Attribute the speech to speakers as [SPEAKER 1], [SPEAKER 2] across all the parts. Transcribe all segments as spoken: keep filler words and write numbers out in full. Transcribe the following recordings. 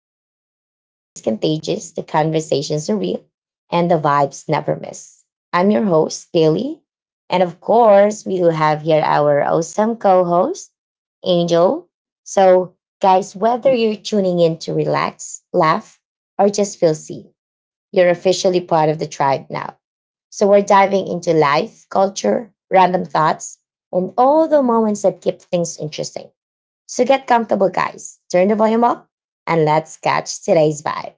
[SPEAKER 1] podcast where the energy is contagious, the conversations are real, and the vibes never miss. I'm your host, Daily. And of course, we do have here our awesome co host, Angel. So, guys, whether you're tuning in to relax, laugh, or just feel seen, you're officially part of the tribe now. So, we're diving into life, culture, random thoughts, and all the moments that keep things interesting. So get comfortable, guys. Turn the volume up and let's catch today's vibe.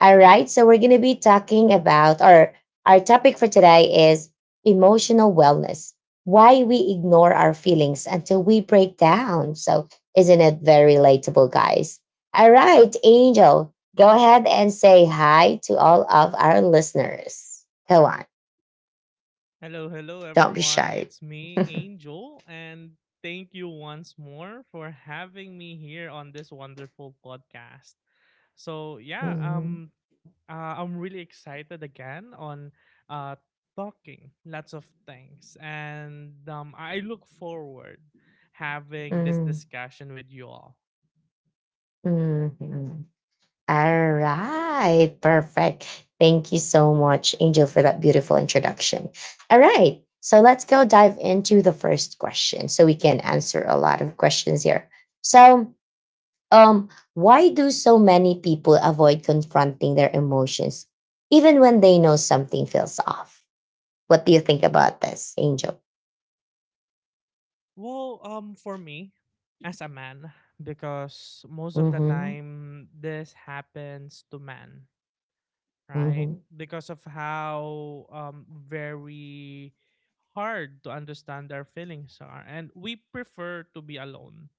[SPEAKER 1] All right. So we're going to be talking about, or our topic for today is emotional wellness. Why we ignore our feelings until we break down. So isn't it very relatable, guys? All right, Angel, go ahead and say hi to all of our listeners. Go on.
[SPEAKER 2] Hello, hello
[SPEAKER 1] Don't be
[SPEAKER 2] everyone.
[SPEAKER 1] shy.
[SPEAKER 2] It's me, Angel, and thank you once more for having me here on this wonderful podcast. So, yeah,
[SPEAKER 1] Mhm,
[SPEAKER 2] um uh, I'm really excited again on uh talking lots of things, and um I look forward having this
[SPEAKER 1] mhm,
[SPEAKER 2] discussion with you all.
[SPEAKER 1] mhm. All right, perfect. Thank you so much, Angel, for that beautiful introduction. All right, so let's go dive into the first question so we can answer a lot of questions here. So, um, why do so many people avoid confronting their emotions even when they know something feels off? What do you think about this, Angel?
[SPEAKER 2] Well, um for me as a man, because most of the
[SPEAKER 1] Mm-hmm.
[SPEAKER 2] time this happens to men, right?
[SPEAKER 1] Mm-hmm.
[SPEAKER 2] Because of how um, very hard to understand our feelings are, and we prefer to be alone,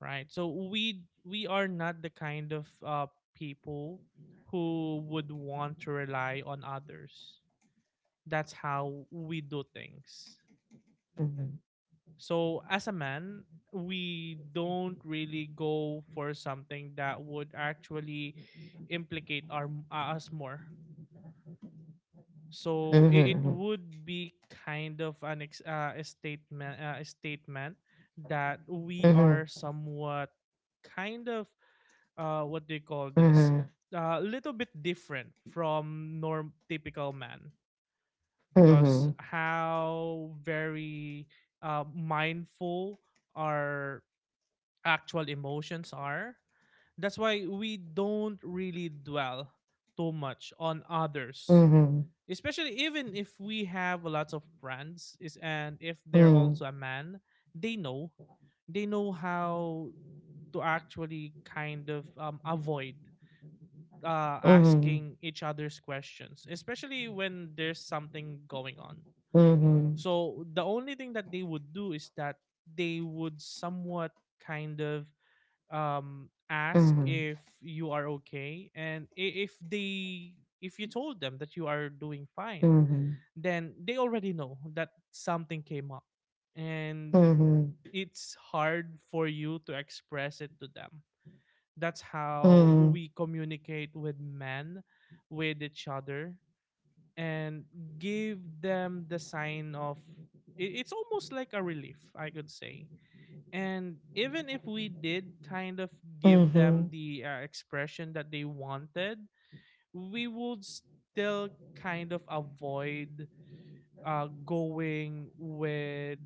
[SPEAKER 2] right? So we we are not the kind of uh, people who would want to rely on others. That's how we do things.
[SPEAKER 1] Mm-hmm.
[SPEAKER 2] So as a man, we don't really go for something that would actually implicate our uh, us more. So it, it
[SPEAKER 1] Mm-hmm.
[SPEAKER 2] would be kind of an ex- uh, a statement uh, a statement that we
[SPEAKER 1] Mm-hmm.
[SPEAKER 2] are somewhat kind of uh, what do you call
[SPEAKER 1] Mm-hmm.
[SPEAKER 2] this
[SPEAKER 1] Mm-hmm.
[SPEAKER 2] a little bit different from norm typical man, because
[SPEAKER 1] Mm-hmm.
[SPEAKER 2] how very uh, mindful our actual emotions are. That's why we don't really dwell too much on others, especially even if we have a lot of friends is, and if they're
[SPEAKER 1] Mm-hmm.
[SPEAKER 2] also a man, they know they know how to actually kind of um, avoid uh,
[SPEAKER 1] Mm-hmm.
[SPEAKER 2] asking each other's questions, especially when there's something going on.
[SPEAKER 1] Mm-hmm.
[SPEAKER 2] So the only thing that they would do is that they would somewhat kind of um, ask
[SPEAKER 1] Mhm.
[SPEAKER 2] if you are okay, and i- if they, if you told them that you are doing fine,
[SPEAKER 1] Mhm.
[SPEAKER 2] then they already know that something came up, and
[SPEAKER 1] Mhm.
[SPEAKER 2] it's hard for you to express it to them. That's how
[SPEAKER 1] Mhm.
[SPEAKER 2] we communicate with men, with each other, and give them the sign of, i- it's almost like a relief, I could say. And even if we did kind of give them
[SPEAKER 1] Mhm.
[SPEAKER 2] the uh, expression that they wanted, we would still kind of avoid uh, going with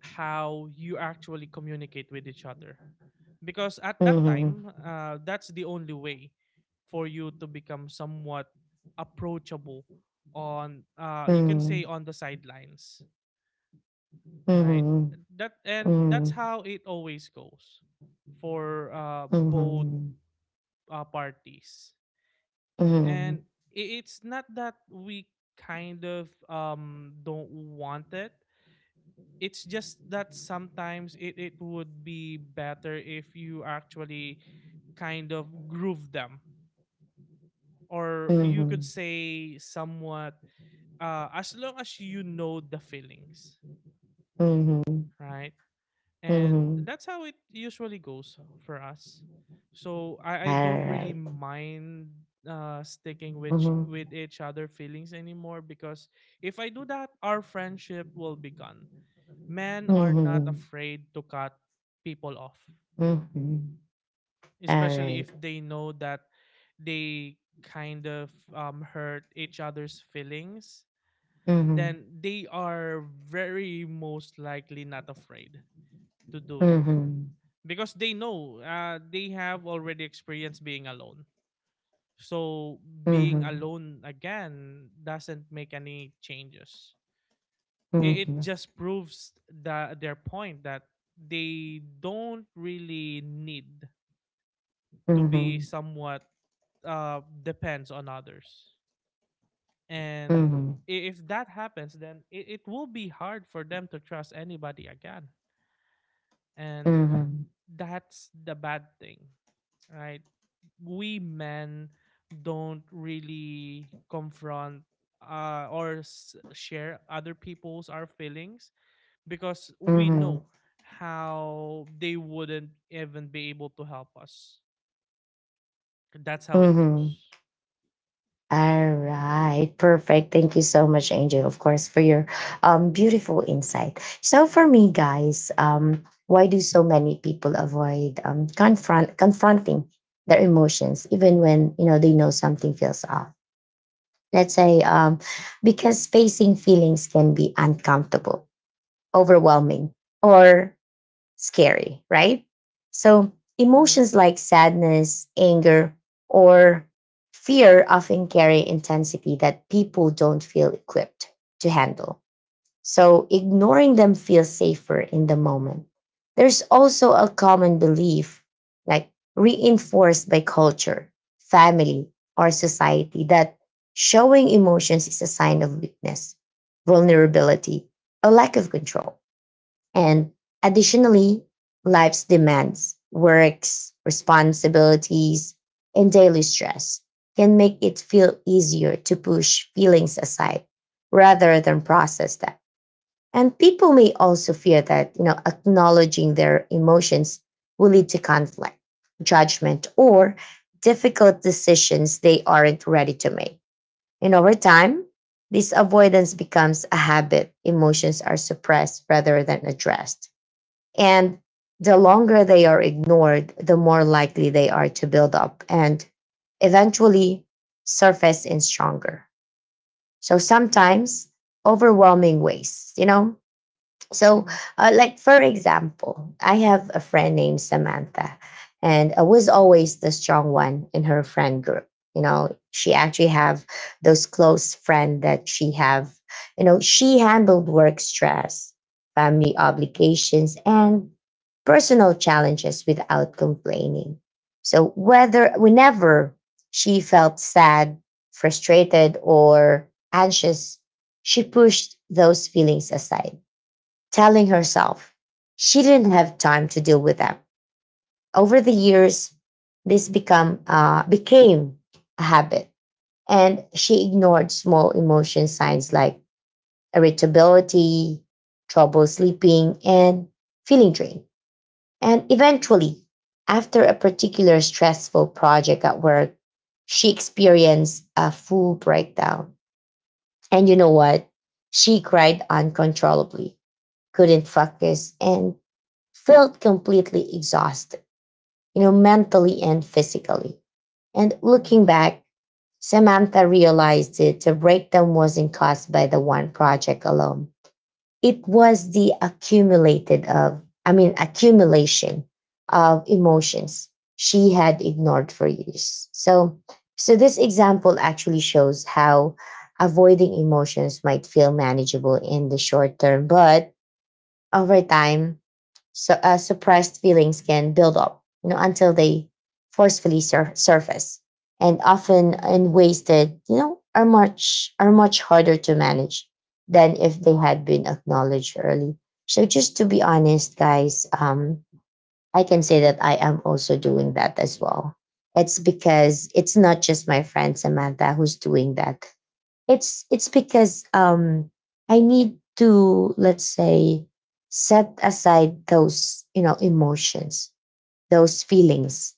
[SPEAKER 2] how you actually communicate with each other. Because at that
[SPEAKER 1] Mhm.
[SPEAKER 2] time, uh, that's the only way for you to become somewhat approachable on, uh, you can say, on the sidelines, right?
[SPEAKER 1] Mhm.
[SPEAKER 2] That and that's
[SPEAKER 1] Mhm.
[SPEAKER 2] how it always goes for uh, both
[SPEAKER 1] Mhm.
[SPEAKER 2] uh, parties. And
[SPEAKER 1] Mhm.
[SPEAKER 2] i- it's not that we kind of um, don't want it. It's just that sometimes it, it would be better if you actually kind of groove them, or you could say somewhat, uh, as long as you know the feelings,
[SPEAKER 1] Mhm. Mhm. Mhm.
[SPEAKER 2] right? And
[SPEAKER 1] Mhm.
[SPEAKER 2] that's how it usually goes for us. So
[SPEAKER 1] All
[SPEAKER 2] i, I don't really
[SPEAKER 1] right.
[SPEAKER 2] mind uh, sticking with ch-
[SPEAKER 1] Mhm.
[SPEAKER 2] with each other feelings anymore, because if I do that, our friendship will be gone. Men are not
[SPEAKER 1] Mhm.
[SPEAKER 2] afraid to cut people off,
[SPEAKER 1] Mhm. All
[SPEAKER 2] especially
[SPEAKER 1] right.
[SPEAKER 2] if they know that they kind of um, hurt each other's feelings.
[SPEAKER 1] Mhm.
[SPEAKER 2] Then they are very most likely not afraid to do it,
[SPEAKER 1] Mhm.
[SPEAKER 2] because they know uh, they have already experienced being alone. So being
[SPEAKER 1] Mhm.
[SPEAKER 2] alone again doesn't make any changes. It, it
[SPEAKER 1] Mhm.
[SPEAKER 2] just proves the, their point that they don't really need to be
[SPEAKER 1] Mhm.
[SPEAKER 2] somewhat uh, depends on others. And
[SPEAKER 1] Mhm.
[SPEAKER 2] i- if that happens, then it, it will be hard for them to trust anybody again. And
[SPEAKER 1] Mhm.
[SPEAKER 2] that's the bad thing, right? We men don't really confront uh, or s- share other people's our feelings, because we
[SPEAKER 1] Mhm.
[SPEAKER 2] know how they wouldn't even be able to help us. That's how it
[SPEAKER 1] Mhm.
[SPEAKER 2] goes.
[SPEAKER 1] All right, perfect. Thank you so much, Angel, of course, for your um, beautiful insight. So, for me, guys, um, why do so many people avoid um, confront confronting their emotions, even when you know they know something feels off? Let's say, um, because facing feelings can be uncomfortable, overwhelming, or scary, right? So
[SPEAKER 2] Mm-hmm.
[SPEAKER 1] emotions like sadness, anger, or fear often carry intensity that people don't feel equipped to handle. So ignoring them feels safer in the moment. There's also a common belief, like reinforced by culture, family, or society, that showing emotions is a sign of weakness,
[SPEAKER 2] Mm-hmm.
[SPEAKER 1] vulnerability, a lack of control. And additionally, life's demands, works, responsibilities, and daily stress can make it feel easier to push feelings aside rather than process them. And people may also fear that, you know, acknowledging their emotions will lead to conflict, judgment, or difficult decisions they aren't ready to make. And over time, this avoidance becomes a habit. Emotions are suppressed rather than addressed and the longer they are ignored, the more likely they are to build up and eventually surface in stronger. So sometimes overwhelming ways, you know, so,
[SPEAKER 2] Mm-hmm.
[SPEAKER 1] uh, like for example, I have a friend named Samantha, and I was always the strong one in her friend group. You know, she actually have those close friend that she have. You know, she handled work stress, family obligations, and personal challenges without complaining. So, whether whenever she felt sad, frustrated, or anxious, she pushed those feelings aside telling herself she didn't have time to deal with them. Over the years, this become uh, became a habit, and she ignored small emotion signs like irritability, trouble sleeping, and feeling drained. And eventually, after a particular stressful project at work, she experienced a full breakdown. And you know what? She cried uncontrollably, couldn't focus, and felt completely exhausted, you know, mentally and physically. And looking back, Samantha realized that the breakdown wasn't caused by the one project alone. It was the accumulated of, I mean, accumulation of emotions she had ignored for years. So, so this example actually shows how avoiding emotions might feel manageable in the short term, but over time, so uh, suppressed feelings can build up, you know, until they forcefully sur- surface, and often
[SPEAKER 2] Mm-hmm.
[SPEAKER 1] in ways that you know are much are much harder to manage than if they had
[SPEAKER 2] Mhm,
[SPEAKER 1] been acknowledged early. So, just to be honest, guys, um, I can say that I am also doing that as well. It's because it's not just my friend Samantha who's doing that. It's it's because um I need to let's say set aside those you know emotions, those feelings.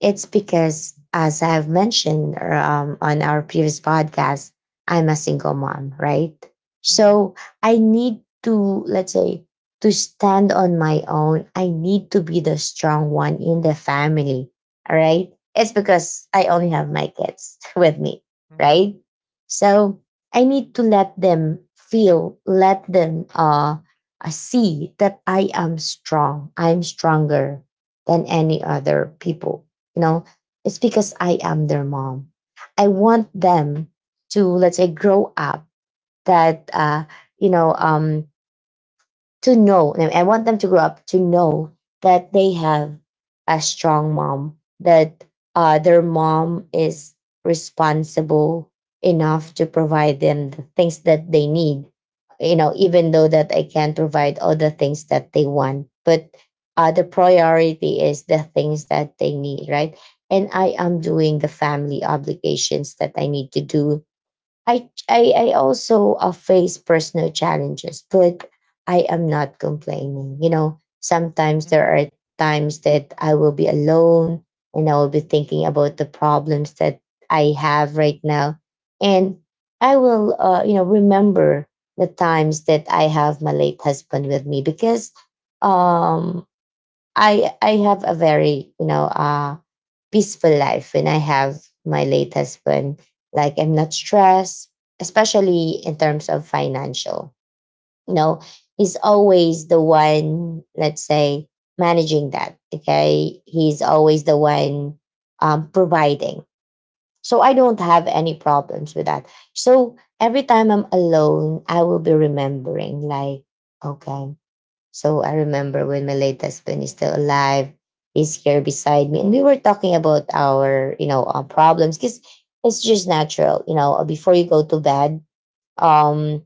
[SPEAKER 1] It's because, as I have mentioned or, um, on our previous podcast, I'm a single mom, right?
[SPEAKER 2] mhm,
[SPEAKER 1] So I need to, let's say, to stand on my own. I need to be the strong one in the family, all right? It's because I only have my kids with me,
[SPEAKER 2] mhm,
[SPEAKER 1] right? So I need to let them feel, let them uh, uh, see that I am strong. I'm stronger than any
[SPEAKER 2] mhm,
[SPEAKER 1] other people. you know it's because i am their mom. I want them to let's say grow up that uh you know um to know, and I want them to grow up to know that they have a strong mom, that uh, their mom is responsible enough
[SPEAKER 2] mhm,
[SPEAKER 1] to provide them the things that they need. You know, even though that I can't provide all the things that they want, but uh, the priority is the things that they need, right? And I am doing the family obligations that I need to do. I I, I also uh, face personal challenges, but I am not complaining. You know, sometimes
[SPEAKER 2] mhm,
[SPEAKER 1] there
[SPEAKER 2] mhm,
[SPEAKER 1] are times that I will be alone and I will be thinking about the problems that I have right now, and I will, uh, you know, remember the times that I have my late husband with me because um, I I have a very you know. Uh, peaceful life when I have my late husband. Like I'm not stressed, especially in terms of financial. You know, he's always the one, let's say, managing that. Okay. He's always the one um, providing. So I don't have any problems with that. So every time I'm alone, I will be remembering, like, okay, so I remember when my late husband is still alive, he's here beside me, and we were talking about our, you know, uh, problems because it's just natural. you know. uh, Before you go to bed, um,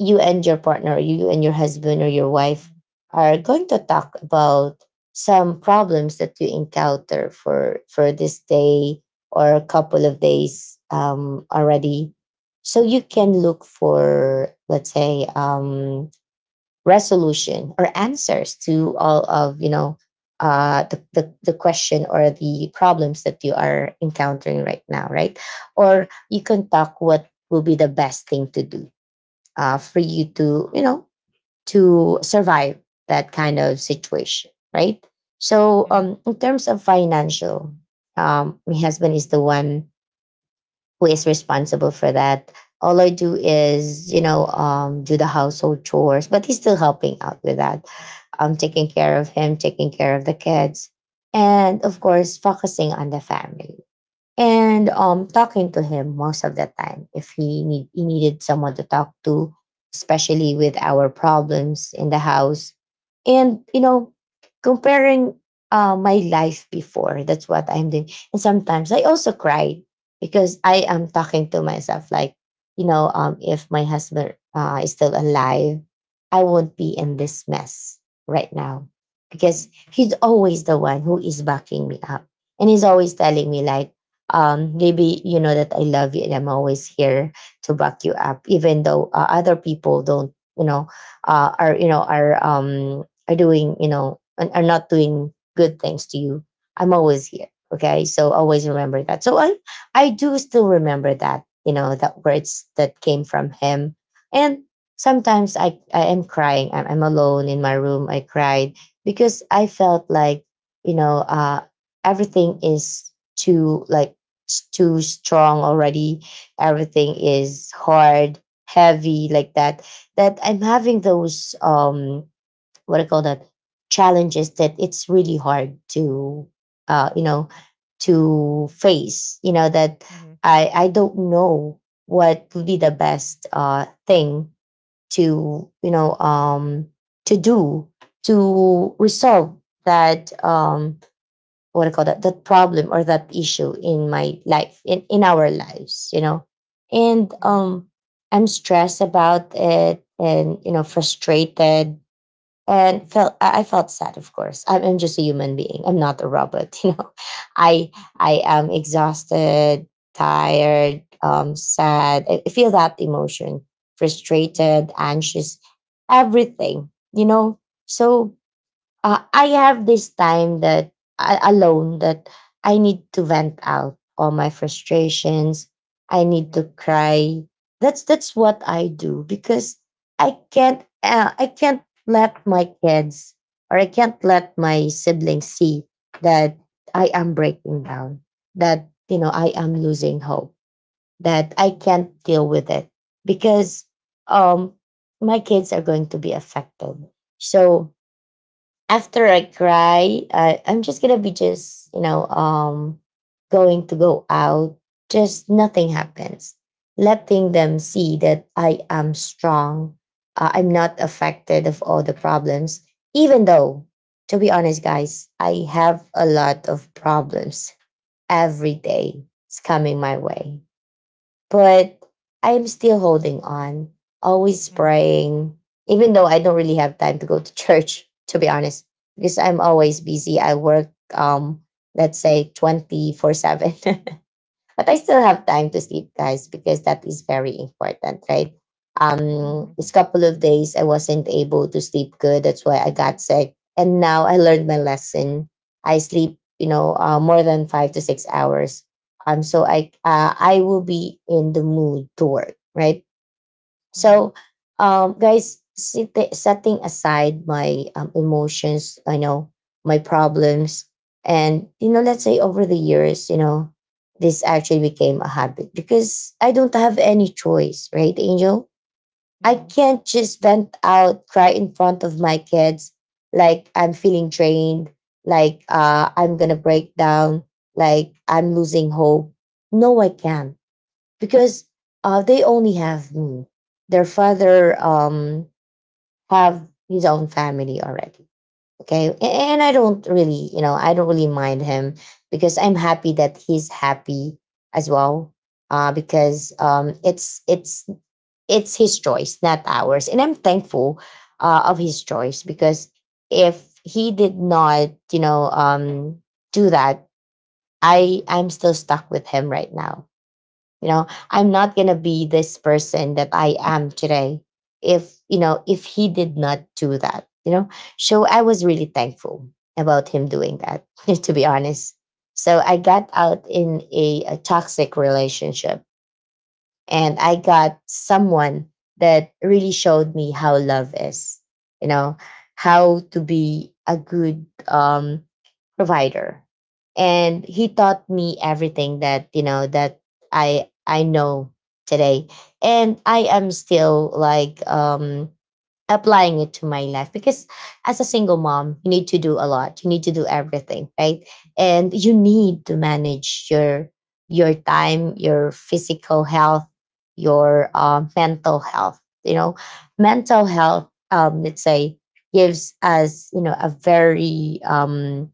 [SPEAKER 1] you and your partner, you and your husband or your wife, are going to talk about some problems that you encounter for for this day or a couple of days um already so you can
[SPEAKER 2] mhm,
[SPEAKER 1] look for, let's say, um resolution or answers to all of you know uh, the, the the question or the problems that you are encountering right now, right? Or you can talk what will be the best thing to do uh, for you to you know to survive that kind of situation, right? So
[SPEAKER 2] mhm, mhm,
[SPEAKER 1] um, in terms of financial, um, my husband is the one who is responsible for that. All I do is, you know, um, do the household chores, but he's still helping out with that. I'm taking
[SPEAKER 2] mhm,
[SPEAKER 1] care of him, taking care of the kids, and of course, focusing on the family and
[SPEAKER 2] mhm,
[SPEAKER 1] um talking to him most of the time if he need he needed someone to talk to,
[SPEAKER 2] mhm,
[SPEAKER 1] especially
[SPEAKER 2] mhm,
[SPEAKER 1] with our problems in the house. And you know comparing uh my life before, that's what I'm doing, and sometimes I also cry because I am talking to myself like, you know um if my husband uh, is still alive I won't be in this mess right now, because he's always the one who is backing me up, and he's always telling me like, um, maybe you know that I love you and I'm always here to back you up, even though uh, other people don't, you know, uh, are you know are um, are doing, you know and are not doing good things to you. I'm always here. Okay, so always remember that. So I I do still remember that you know that words that came from him, and sometimes I I am crying. I'm, I'm alone in my room. I cried because I felt like, you know uh, everything is too like s- too strong already. Everything is hard, heavy, like that. That I'm having those um what I call that challenges that it's really hard to uh you know to face. You know that
[SPEAKER 2] mhm, mhm, mhm, mhm,
[SPEAKER 1] I I don't know what would be the best uh thing to you know um to do to resolve that, um what I call that, that problem or that issue in my life, in in our lives, you know and
[SPEAKER 2] mhm,
[SPEAKER 1] um I'm stressed about it, and you know, frustrated, and felt, i I felt sad. Of course i'm, I'm just a human being, I'm not a robot. you know i I am exhausted, tired, um sad. i I feel that emotion,
[SPEAKER 2] mhm,
[SPEAKER 1] frustrated, anxious, everything, you know. So uh, I have this time that I, alone, that I need to vent out all my frustrations. I need to cry. That's that's what I do because I can't uh, I can't let my kids or I can't let my siblings see that I am breaking down. That you know I am losing hope. That I can't deal with it because um my kids are going to be affected. So after I cry, I, I'm just gonna be just, you know, um, going to go out. Just nothing happens. Letting them see that I am strong. Uh, I'm not affected of all the problems. Even though, to be honest, guys, I have a lot of problems every day. It's coming my way but I am still holding on, always
[SPEAKER 2] mhm,
[SPEAKER 1] praying, even though I don't really have time to go to church, to be honest, because I'm
[SPEAKER 2] mhm, mhm,
[SPEAKER 1] always
[SPEAKER 2] mhm,
[SPEAKER 1] busy. I work, um, let's say, twenty-four seven. But I still have time to sleep, guys, because that is very important, right? Um, this couple of days I wasn't able to sleep good. That's why I got sick. And now I learned my lesson. I sleep, you know, uh, more than five to six hours. Um, so I, uh, I will be in the mood to work, right?
[SPEAKER 2] mhm, mhm, mhm, mhm, mhm,
[SPEAKER 1] So, um, guys, sit- setting aside my um, emotions, I know my problems, and you know, let's say over the years, you know, this actually became a habit because I don't have any choice, right, Angel?
[SPEAKER 2] mhm,
[SPEAKER 1] I
[SPEAKER 2] mhm,
[SPEAKER 1] can't just vent out, cry in front of my kids, like I'm feeling drained, like uh, I'm gonna break down, like I'm losing hope. No, I can't because uh, they only have me. Their father um have his own family already. Okay, A- and I don't really, you know, I don't really mind him because I'm happy that he's happy as well. Uh, because um, it's it's it's his choice, not ours, and I'm thankful uh, of his choice because if he did not, you know, um, do that,
[SPEAKER 2] mhm, mhm,
[SPEAKER 1] I I'm still stuck with him right now, you know. I'm not going to be this person that I am today if, you know, if he did not do that, you know. So I was really thankful about him doing that to be honest. So I got out in a, a toxic relationship and I got someone that really showed me how love is, you know, how to be a good um provider. And he taught me everything that, you know, that i i know today. And I am still like um applying it to my life because as a single mom you need to do a lot, you need to do everything, right? And you need to manage your your time, your physical health, your uh, mental health, you know. Mental health, um let's say, gives us, you know, a very um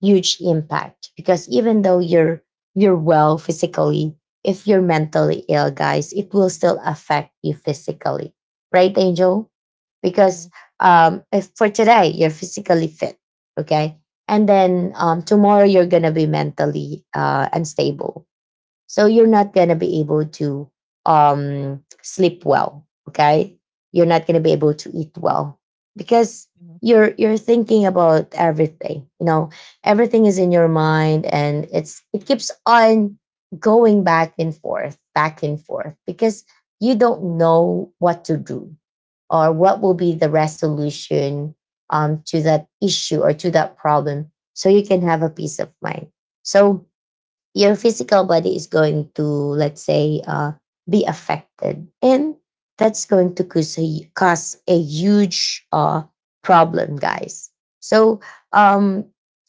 [SPEAKER 1] huge impact, because even though you're you're well physically, if you're mentally ill, guys, it will still affect you physically, right, Angel? Because um if for today you're physically fit, okay, and then um tomorrow you're gonna be mentally uh unstable, so you're not gonna be able to um sleep well. Okay. You're not gonna be able to eat well because you're you're thinking about everything. You know, everything is in your mind and it's it keeps on going back and forth, back and forth, because you don't know what to do or what will be the resolution um, to that issue or to that problem. So you can have a peace of mind. So your physical body is going to, let's say, uh, be affected, and that's going to cause a, cause a huge uh, problem, guys. So, um,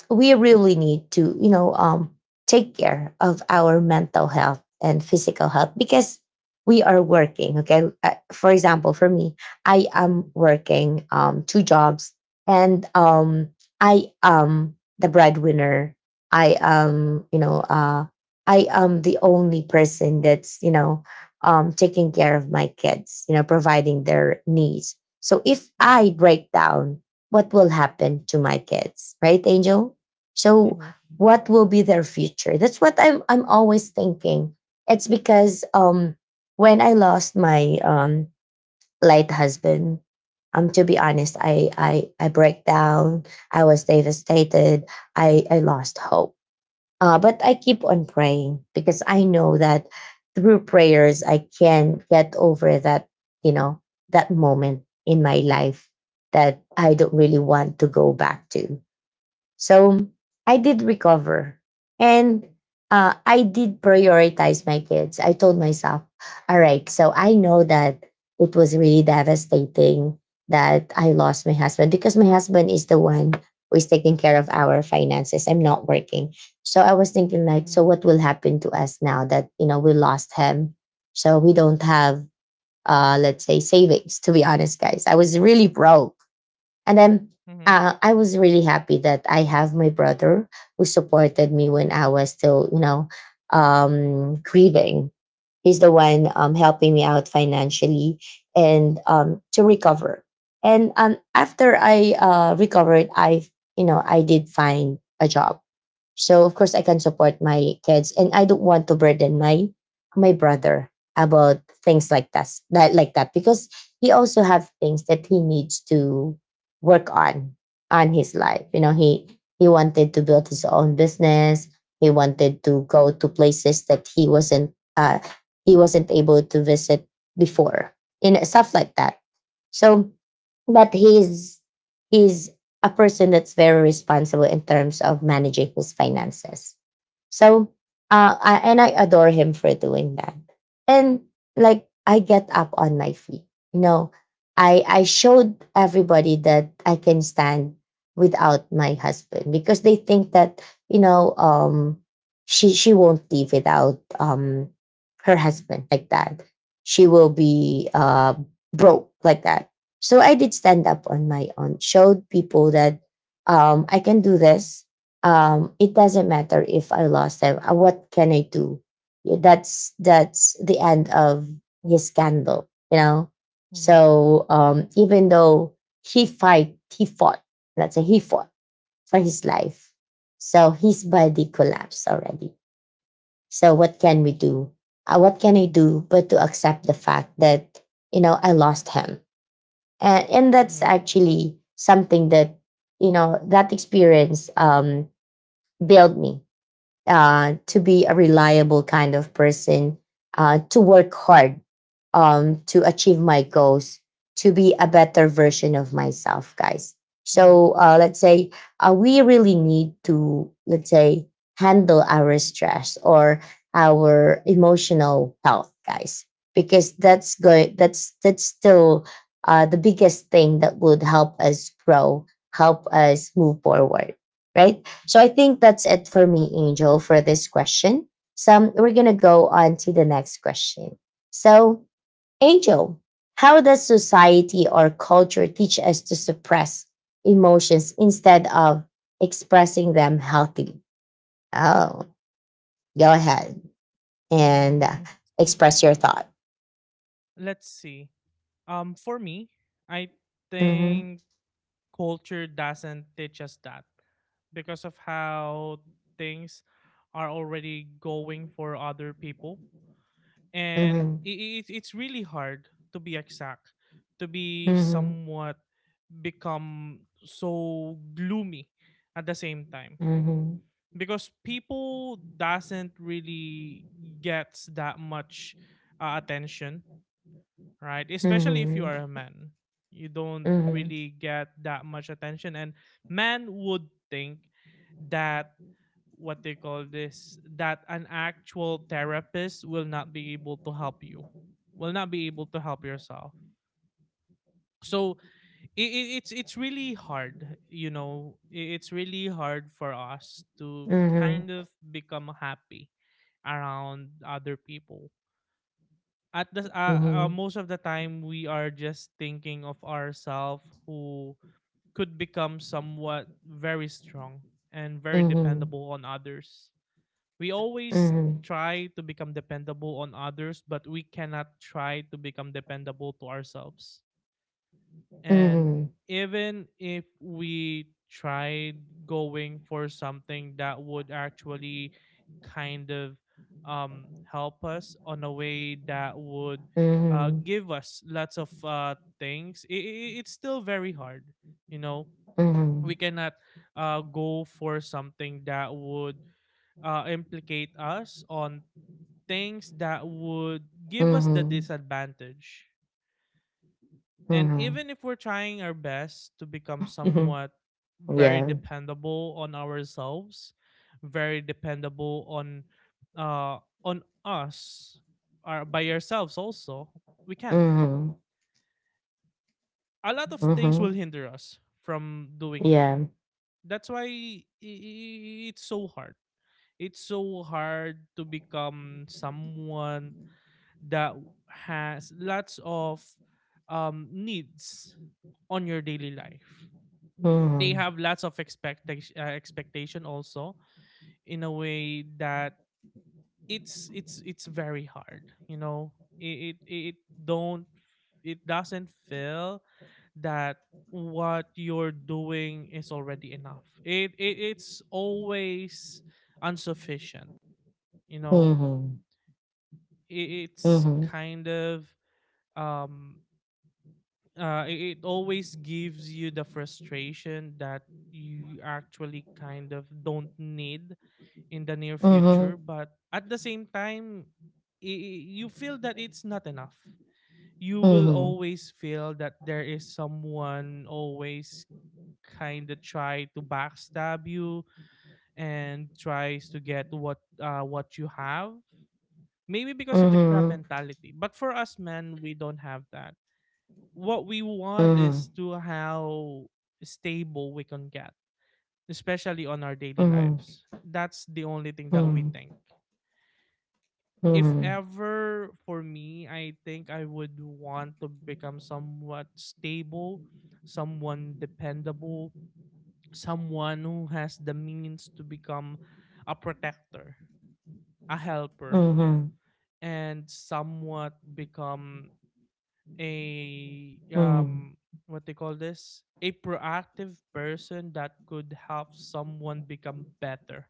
[SPEAKER 1] we really need to, you know um, take care of our mental health and physical health, because we are working, okay. Uh, for example, for me, I am working, um, two jobs, and, um, I am the breadwinner. I am, you know, uh, I am the only person that's, you know, um, taking care of my kids, you know, providing their needs. So if I break down, what will happen to my kids, right, Angel? So what will be their future? That's what I'm, I'm always thinking. It's because um, when I lost my um, late husband, um, to be honest, I, I, I break down. I was devastated. I, I lost hope, uh, but I keep on praying because I know that through prayers, I can get over that, you know, that moment in my life that I don't really want to go back to. So I did recover, and uh, I did prioritize my kids. I told myself, all right, so I know that it was really devastating that I lost my husband, because my husband is the one who is taking care of our finances. I'm not working. So I was thinking, like, so what will happen to us now that, you know, we lost him? So we don't have, uh, let's say, savings, to be honest, guys. I was really broke. And then uh, I was really happy that I have my brother who supported me when I was still, you know, um, grieving. He's the one, um, helping me out financially and, um, to recover. And, um, after I, uh, recovered, I, you know, I did find a job, so of course I can support my kids. And I don't want to burden my my brother about things like that that like that, because he also have things that he needs to work on on his life. You know, he he wanted to build his own business. He wanted to go to places that he wasn't uh he wasn't able to visit before. You know, stuff like that. So, but he's he's a person that's very responsible in terms of managing his finances. So, uh, I, and I adore him for doing that. And, like, I get up on my feet. You know, I I showed everybody that I can stand without my husband, because they think that, you know um, she she won't leave without, um, her husband, like that. She will be, uh, broke, like that. So I did stand up on my own, showed people that, um, I can do this. Um, it doesn't matter if I lost them. Uh, What can I do? Yeah, That's that's the end of his scandal, you know. So, um, even though he fight, he fought. Let's say he fought for his life. So his body collapsed already. So what can we do? Uh, what can I do but to accept the fact that, you know, I lost him? and, and that's actually something that, you know, that experience, um, built me, uh, to be a reliable kind of person, uh, to work hard, um, to achieve my goals, to be a better version of myself, guys.
[SPEAKER 2] mhm,
[SPEAKER 1] So, uh, let's say, uh, we really need to, let's say, handle our stress or our emotional health, guys, because that's going that's that's still, uh, the biggest thing that would help us grow, help us move forward, right? So I think that's it for me, Angel, for this question. So we're going to go on to the next question. So, Angel, how does society or culture teach us to suppress emotions instead of expressing them healthily? Oh, go ahead and, uh,
[SPEAKER 2] mhm.
[SPEAKER 1] express your thought.
[SPEAKER 2] Let's see. Um, for me, I
[SPEAKER 1] Mhm,
[SPEAKER 2] think culture doesn't teach us that, because of how things are already going for other people. And
[SPEAKER 1] mhm,
[SPEAKER 2] it, it, it's really hard to be exact, to be
[SPEAKER 1] mhm,
[SPEAKER 2] somewhat become so gloomy at the same time,
[SPEAKER 1] mhm,
[SPEAKER 2] because people doesn't really gets that much uh, attention, right? Especially if you
[SPEAKER 1] mhm,
[SPEAKER 2] are a man, you don't
[SPEAKER 1] mhm,
[SPEAKER 2] really get that much attention, and men would think that what they call this that an actual therapist will not be able to help you, will not be able to help yourself. So it, it, it's it's really hard, you know. i- It's really hard for us to
[SPEAKER 1] mhm,
[SPEAKER 2] kind of become happy around other people. At the uh, uh, most of the time we are just thinking of ourselves, who could become somewhat very strong and very
[SPEAKER 1] mhm,
[SPEAKER 2] dependable on others. We always
[SPEAKER 1] mhm,
[SPEAKER 2] try to become dependable on others, but we cannot try to become dependable to ourselves. And
[SPEAKER 1] mhm,
[SPEAKER 2] even if we tried going for something that would actually kind of um, help us on a way that would uh,
[SPEAKER 1] mhm,
[SPEAKER 2] give us lots of uh, things, i i- it's still very hard, you know. We
[SPEAKER 1] mhm.
[SPEAKER 2] cannot uh, go for something that would uh, implicate us on things that would give us the
[SPEAKER 1] Mhm.
[SPEAKER 2] disadvantage. And
[SPEAKER 1] Mhm.
[SPEAKER 2] even if we're trying our best to become
[SPEAKER 1] Mhm.
[SPEAKER 2] somewhat very
[SPEAKER 1] Yeah.
[SPEAKER 2] dependable on ourselves, very dependable on uh on us, or by ourselves also, we can't.
[SPEAKER 1] Mhm.
[SPEAKER 2] A lot of things
[SPEAKER 1] Mhm.
[SPEAKER 2] will hinder us from doing that.
[SPEAKER 1] Yeah.
[SPEAKER 2] That's why it's so hard. It's so hard to become someone that has lots of um needs on your daily life. They
[SPEAKER 1] Mhm.
[SPEAKER 2] have lots of expectation uh, expectation also, in a way that it's it's it's very hard, you know. it it, it don't it doesn't feel that what you're doing is already enough. It, it it's always insufficient, you know.
[SPEAKER 1] Mhm.
[SPEAKER 2] It, it's
[SPEAKER 1] Mhm.
[SPEAKER 2] kind of um uh it, it always gives you the frustration that you actually kind of don't need in the near future,
[SPEAKER 1] Mhm.
[SPEAKER 2] but at the same time, i- you feel that it's not enough. You will
[SPEAKER 1] Mhm.
[SPEAKER 2] always feel that there is someone always kind of try to backstab you and tries to get what uh, what you have, maybe because of the crab mentality. But for us men, we don't have that. What we want
[SPEAKER 1] Mhm.
[SPEAKER 2] is to how stable we can get, especially on our daily lives. That's the only thing that we
[SPEAKER 1] Mhm.
[SPEAKER 2] think. If ever, for me, I think I would want to become somewhat stable, someone dependable, someone who has the means to become a protector, a helper,
[SPEAKER 1] Mhm. Mhm.
[SPEAKER 2] and somewhat become a
[SPEAKER 1] Mhm.
[SPEAKER 2] um what they call this a proactive person that could help someone become better,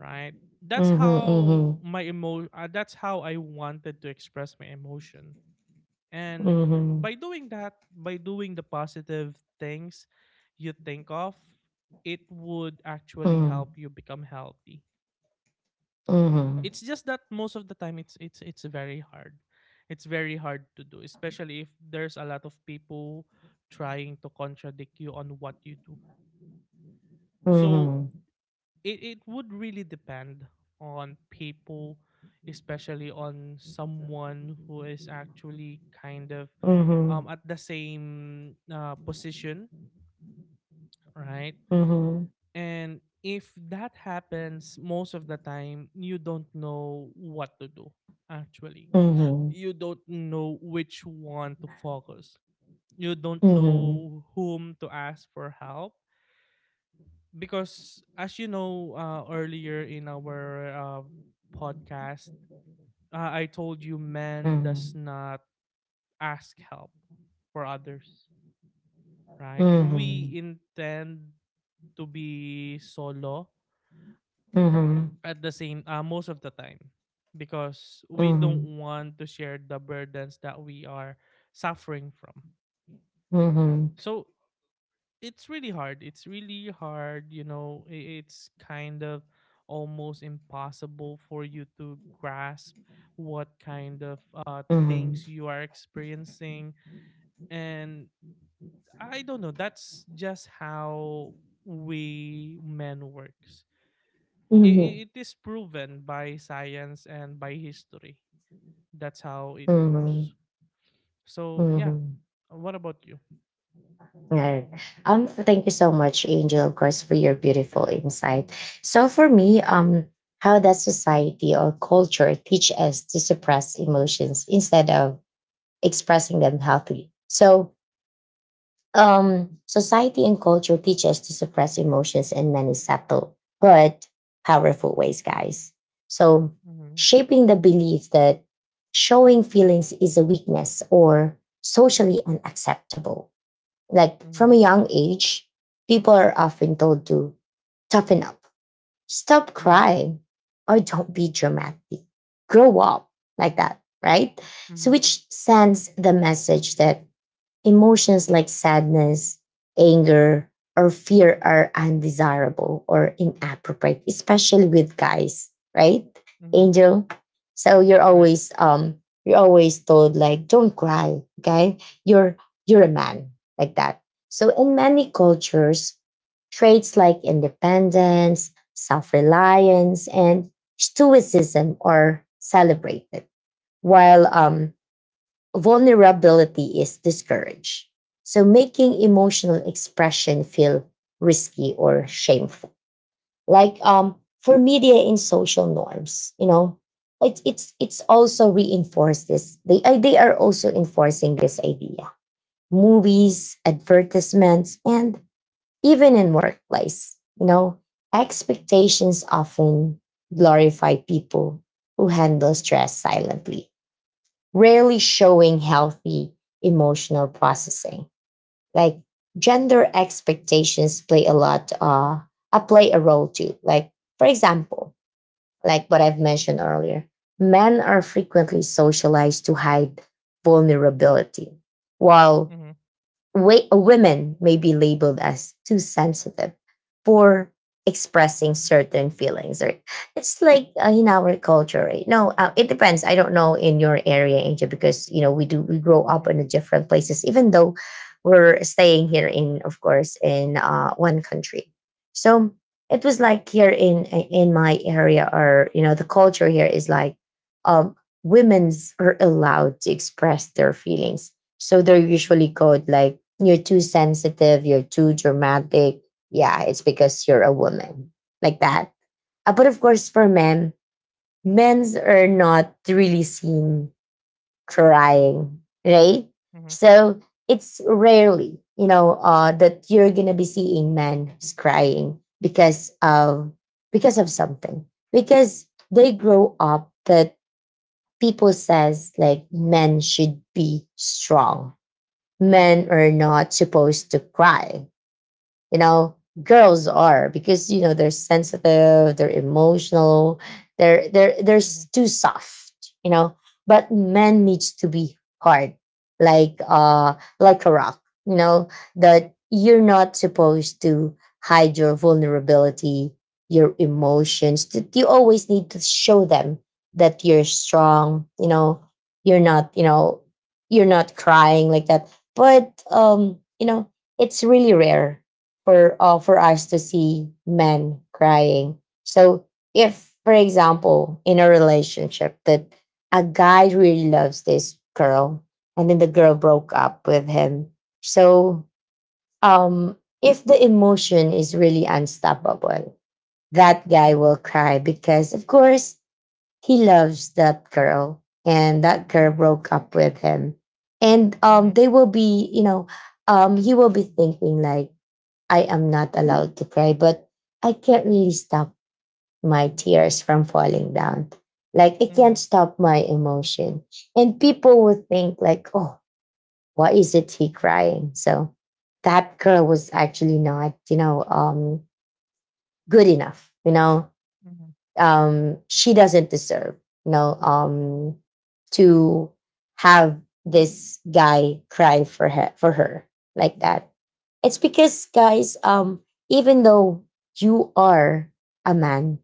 [SPEAKER 2] right? That's how
[SPEAKER 1] Mhm.
[SPEAKER 2] my emo uh, that's how I wanted to express my emotion. And
[SPEAKER 1] Mhm.
[SPEAKER 2] by
[SPEAKER 1] Mhm.
[SPEAKER 2] doing that, by doing the positive things you think of, it would actually help you become healthy. It's just that most of the time it's it's it's very hard. It's very hard to do, especially if there's a lot of people trying to contradict you on what you do.
[SPEAKER 1] Mhm. Mhm.
[SPEAKER 2] So
[SPEAKER 1] Mhm.
[SPEAKER 2] it, it would really depend on people, especially on someone who is actually kind of um, at the same uh, position, right? And if that happens, most of the time you don't know what to do actually. You don't know which one to focus, you
[SPEAKER 1] Mhm.
[SPEAKER 2] don't
[SPEAKER 1] Mhm. Mhm. Mhm. Mhm. Mhm. Mhm.
[SPEAKER 2] know whom to ask for help, because as you know, uh, earlier in our uh, podcast, uh, I told you, man does
[SPEAKER 1] Mhm.
[SPEAKER 2] not ask help for others, right? We
[SPEAKER 1] Mhm.
[SPEAKER 2] intend to be solo at the same uh, most of the time, because we don't want to share the burdens that we are suffering from. So it's really hard. It's really hard. You know, i- it's kind of almost impossible for you to grasp what kind of uh, things you are experiencing. And I don't know. That's just how we men works.
[SPEAKER 1] Mhm. Mhm. Mhm. Mhm.
[SPEAKER 2] It, it is proven by science and by history. That's how it
[SPEAKER 1] Mhm.
[SPEAKER 2] goes. So yeah.
[SPEAKER 1] Mhm.
[SPEAKER 2] What about you?
[SPEAKER 1] Alright. Um, thank you so much, Angel, of course, for your beautiful insight. So for me, um, how does society or culture teach us to suppress emotions instead of expressing them healthily? So, um, society and culture teach us to suppress emotions in many subtle but powerful ways, guys. So,
[SPEAKER 2] Mm-hmm.
[SPEAKER 1] shaping the belief that showing feelings is a weakness or socially unacceptable. Like
[SPEAKER 2] Mm-hmm.
[SPEAKER 1] from a young age, people are often told to toughen up, stop
[SPEAKER 2] Mm-hmm.
[SPEAKER 1] crying, or don't be dramatic. Grow up, like that, right? So,
[SPEAKER 2] Mm-hmm.
[SPEAKER 1] which sends the message that emotions like sadness, anger, or fear are undesirable or inappropriate, especially with guys, right,
[SPEAKER 2] Mm-hmm.
[SPEAKER 1] Angel? So you're
[SPEAKER 2] Right.
[SPEAKER 1] always um you're always told like don't cry, okay? You're you're a man, like that. So in many cultures, traits like independence, self-reliance, and stoicism are celebrated, while
[SPEAKER 2] Mm-hmm.
[SPEAKER 1] um vulnerability is discouraged. So making emotional expression feel risky or shameful. Like um for media and social norms, you know, it, it's it's also reinforced this. They uh, they are also enforcing this idea. Movies, advertisements, and even in workplace, you know, expectations often glorify people who handle stress silently, rarely showing healthy emotional processing. Like gender expectations play a lot, uh, uh, play a role too. Like, for example, like what I've mentioned earlier, men are frequently socialized to hide vulnerability, while
[SPEAKER 2] Mm-hmm.
[SPEAKER 1] wa- women may be labeled as too sensitive for expressing certain feelings. Or it's like uh, in our culture, right? No, uh, it depends. I don't know in your area, Angel, because you know, we do we grow up
[SPEAKER 2] Mm-hmm.
[SPEAKER 1] in different places, even though we're staying here, in, of course, in uh, one country. So it was like, here in in my area, or you know, the culture here is like, um women's are allowed to express their feelings, so they're
[SPEAKER 2] Mhm,
[SPEAKER 1] usually called like, you're too sensitive, you're too dramatic. Yeah, it's because you're a woman, like that. Uh, but of course, for men, men's are not really seen crying, right?
[SPEAKER 2] mhm,
[SPEAKER 1] So it's rarely, you know, uh, that you're gonna be seeing men crying because of, because of something, because they grow up that people says like, men should be strong,
[SPEAKER 2] mhm,
[SPEAKER 1] men are not supposed to cry, you know. Girls are, because you know, they're sensitive, they're emotional, they're, they're they're s-
[SPEAKER 2] mhm,
[SPEAKER 1] too soft, you know. But men needs to be hard, like uh like a rock, you know,
[SPEAKER 2] mhm,
[SPEAKER 1] that you're not supposed to hide your vulnerability, your emotions, that you always need to show them that you're strong, you know. You're not, you know, you're not crying, like that. But um you know, it's really rare for uh, for us to see men crying. So if, for example, in a relationship that a guy really loves this girl and then the girl broke up with him, so um, if the emotion is really unstoppable, that guy
[SPEAKER 2] mhm,
[SPEAKER 1] will cry because, of course, he loves that girl and that girl
[SPEAKER 2] mhm,
[SPEAKER 1] broke up with him. And
[SPEAKER 2] mhm,
[SPEAKER 1] um, they will be, you know, um, he will be thinking like, I am not allowed to cry, but I can't really stop my tears from falling down. Like, I can't
[SPEAKER 2] mhm,
[SPEAKER 1] stop my emotion. And people would think like, oh, why is it he crying? So that girl was actually not, you know, um, good enough, you know.
[SPEAKER 2] mhm,
[SPEAKER 1] Um, she doesn't deserve, you know, um, to have this guy cry for her for her like that. It's because, guys, um, even though you are a man,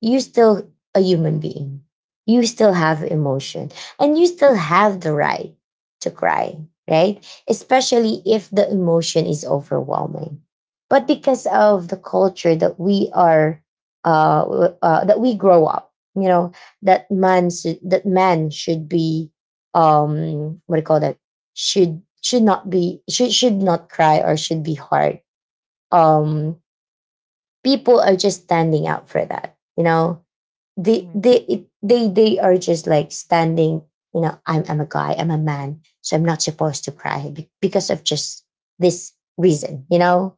[SPEAKER 1] you're still a human being. You still
[SPEAKER 2] mhm,
[SPEAKER 1] have emotion and you still have the right to cry, right? Especially if the emotion is overwhelming. But because of the culture that we are, uh, w- uh, that we grow up, you know, that man should, that man should be, um, what do you call that? Should should not be should should not cry or should be hard. Um, People are just standing out for that, you know,
[SPEAKER 2] mhm,
[SPEAKER 1] they
[SPEAKER 2] mhm,
[SPEAKER 1] they it, they they are just like standing, you know. I'm i'm a guy, I'm a man, so I'm not supposed to cry be- because of just this reason, you know.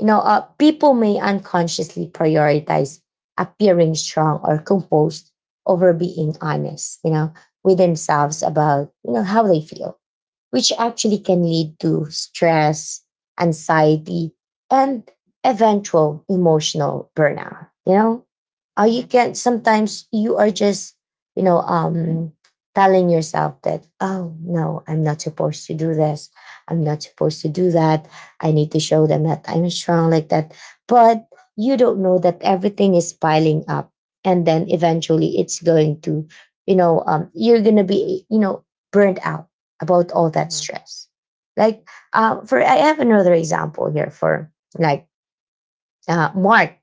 [SPEAKER 1] You know, uh, people may unconsciously prioritize appearing strong or composed over being honest, you know, with
[SPEAKER 2] mhm,
[SPEAKER 1] themselves about, you know, how they feel, which actually can lead to stress, anxiety, and eventual emotional burnout. You know, uh,
[SPEAKER 2] mhm,
[SPEAKER 1] you can sometimes, you are just, you know, um, telling yourself that, oh no, I'm not supposed to do this. I'm not supposed to do that. I need to show them that I'm strong, like that. But you don't know that everything is piling up. And then eventually it's going to, you know, um, you're going to be, you know, burnt out about all that stress. Like uh, for, I have another example here for, like uh, Mark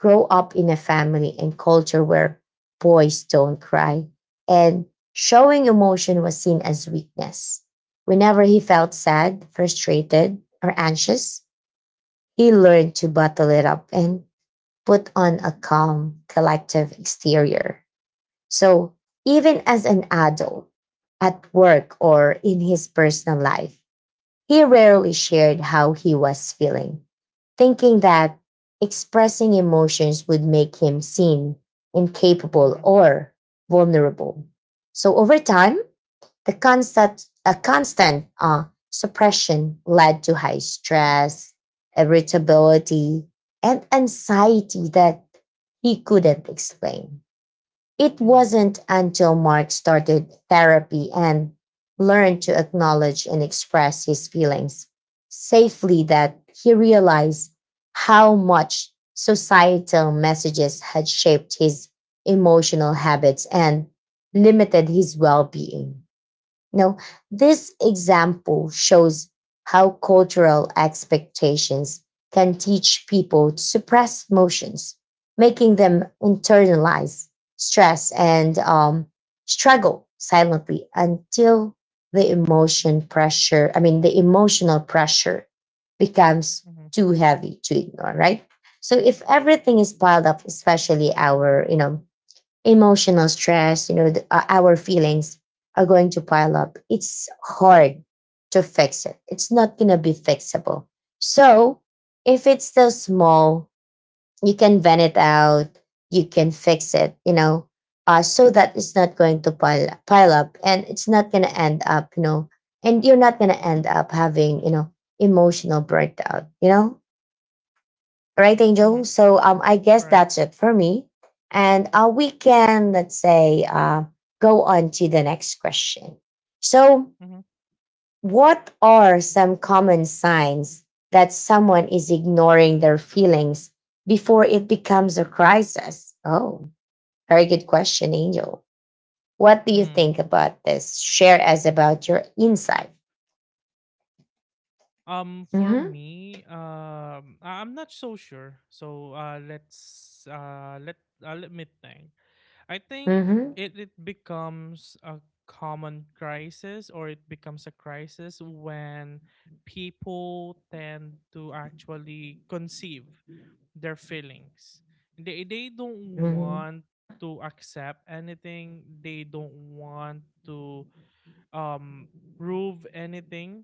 [SPEAKER 1] grow up in a family and culture where boys don't cry and showing emotion was seen as weakness. Whenever he felt sad, frustrated, or anxious, he learned to bottle it up and put on a calm, collective exterior. So even as an adult, at work or in his personal life, he rarely shared how he was feeling, thinking that expressing emotions would make him seem incapable or vulnerable. So over time, the constant, a constant uh, suppression led to high stress, irritability, and anxiety that he couldn't explain. It
[SPEAKER 2] mhm, mhm,
[SPEAKER 1] wasn't until Mark started therapy and learned to acknowledge and express his feelings safely that he realized how much societal messages had shaped his emotional habits and limited his well being. No, this example shows how cultural expectations can teach people to suppress emotions, making them internalize stress and um, struggle silently until the emotion pressure, I mean, the emotional pressure becomes
[SPEAKER 2] mhm,
[SPEAKER 1] too heavy to ignore, right? So if everything is piled up, especially our, you know, emotional stress, you know, the, uh, our feelings are going to pile up. It's hard to fix it. It's not going to be fixable. So if it's still small, you can vent it out, you can fix it, you know, uh, so that it's not going to pile, pile up, and it's not going to end up, you know, and you're not going to end up having, you know, emotional burnout, you know. Right, Angel?
[SPEAKER 2] mhm.
[SPEAKER 1] So um, I guess
[SPEAKER 2] Right.
[SPEAKER 1] that's it for me. And uh, we can, let's say, uh, go on to the next question. So,
[SPEAKER 2] Mhm.
[SPEAKER 1] what are some common signs that someone is ignoring their feelings before it becomes a crisis? Oh, very good question, Angel. What do you
[SPEAKER 2] Hmm.
[SPEAKER 1] think about this? Share us about your insight.
[SPEAKER 2] Um, for
[SPEAKER 1] hmm
[SPEAKER 2] me, um, I- I'm not so sure. So, uh, let's uh, let uh, let me think. I think
[SPEAKER 1] hmm
[SPEAKER 2] it it becomes a common crisis, or it becomes a crisis when people tend to actually conceive their feelings. They they don't
[SPEAKER 1] hmm
[SPEAKER 2] want to accept anything. They don't want to um prove anything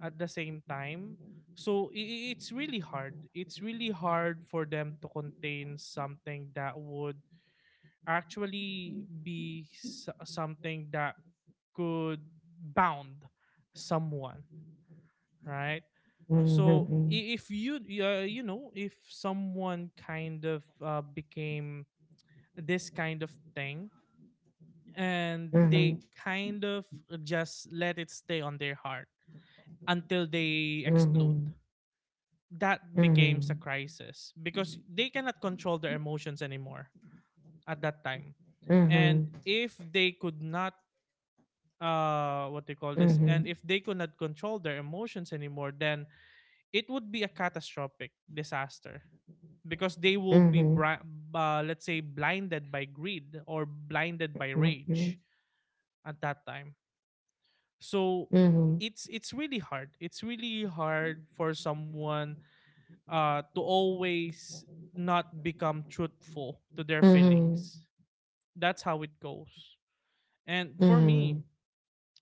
[SPEAKER 2] at the same time. So i- i- it's really hard. It's really hard for them to contain something that would actually be s- something that could bound someone, right? so
[SPEAKER 1] hmm
[SPEAKER 2] i- if you uh, you know if someone kind of uh, became this kind of thing and they
[SPEAKER 1] hmm
[SPEAKER 2] kind of just let it stay on their heart until they explode,
[SPEAKER 1] hmm
[SPEAKER 2] that becomes a
[SPEAKER 1] hmm
[SPEAKER 2] crisis because they cannot control their emotions anymore at that time. And
[SPEAKER 1] hmm
[SPEAKER 2] if they could not uh what they call this and
[SPEAKER 1] Mhm,
[SPEAKER 2] if they could not control their emotions anymore, then it would be a catastrophic disaster because they will be
[SPEAKER 1] mhm,
[SPEAKER 2] bri- uh, let's say blinded by greed or blinded by
[SPEAKER 1] mhm,
[SPEAKER 2] rage at that time. So
[SPEAKER 1] mhm, mhm,
[SPEAKER 2] it's it's really hard, it's really hard for someone uh to always not become truthful to their
[SPEAKER 1] mhm,
[SPEAKER 2] feelings. That's how it goes. And for me,
[SPEAKER 1] mhm.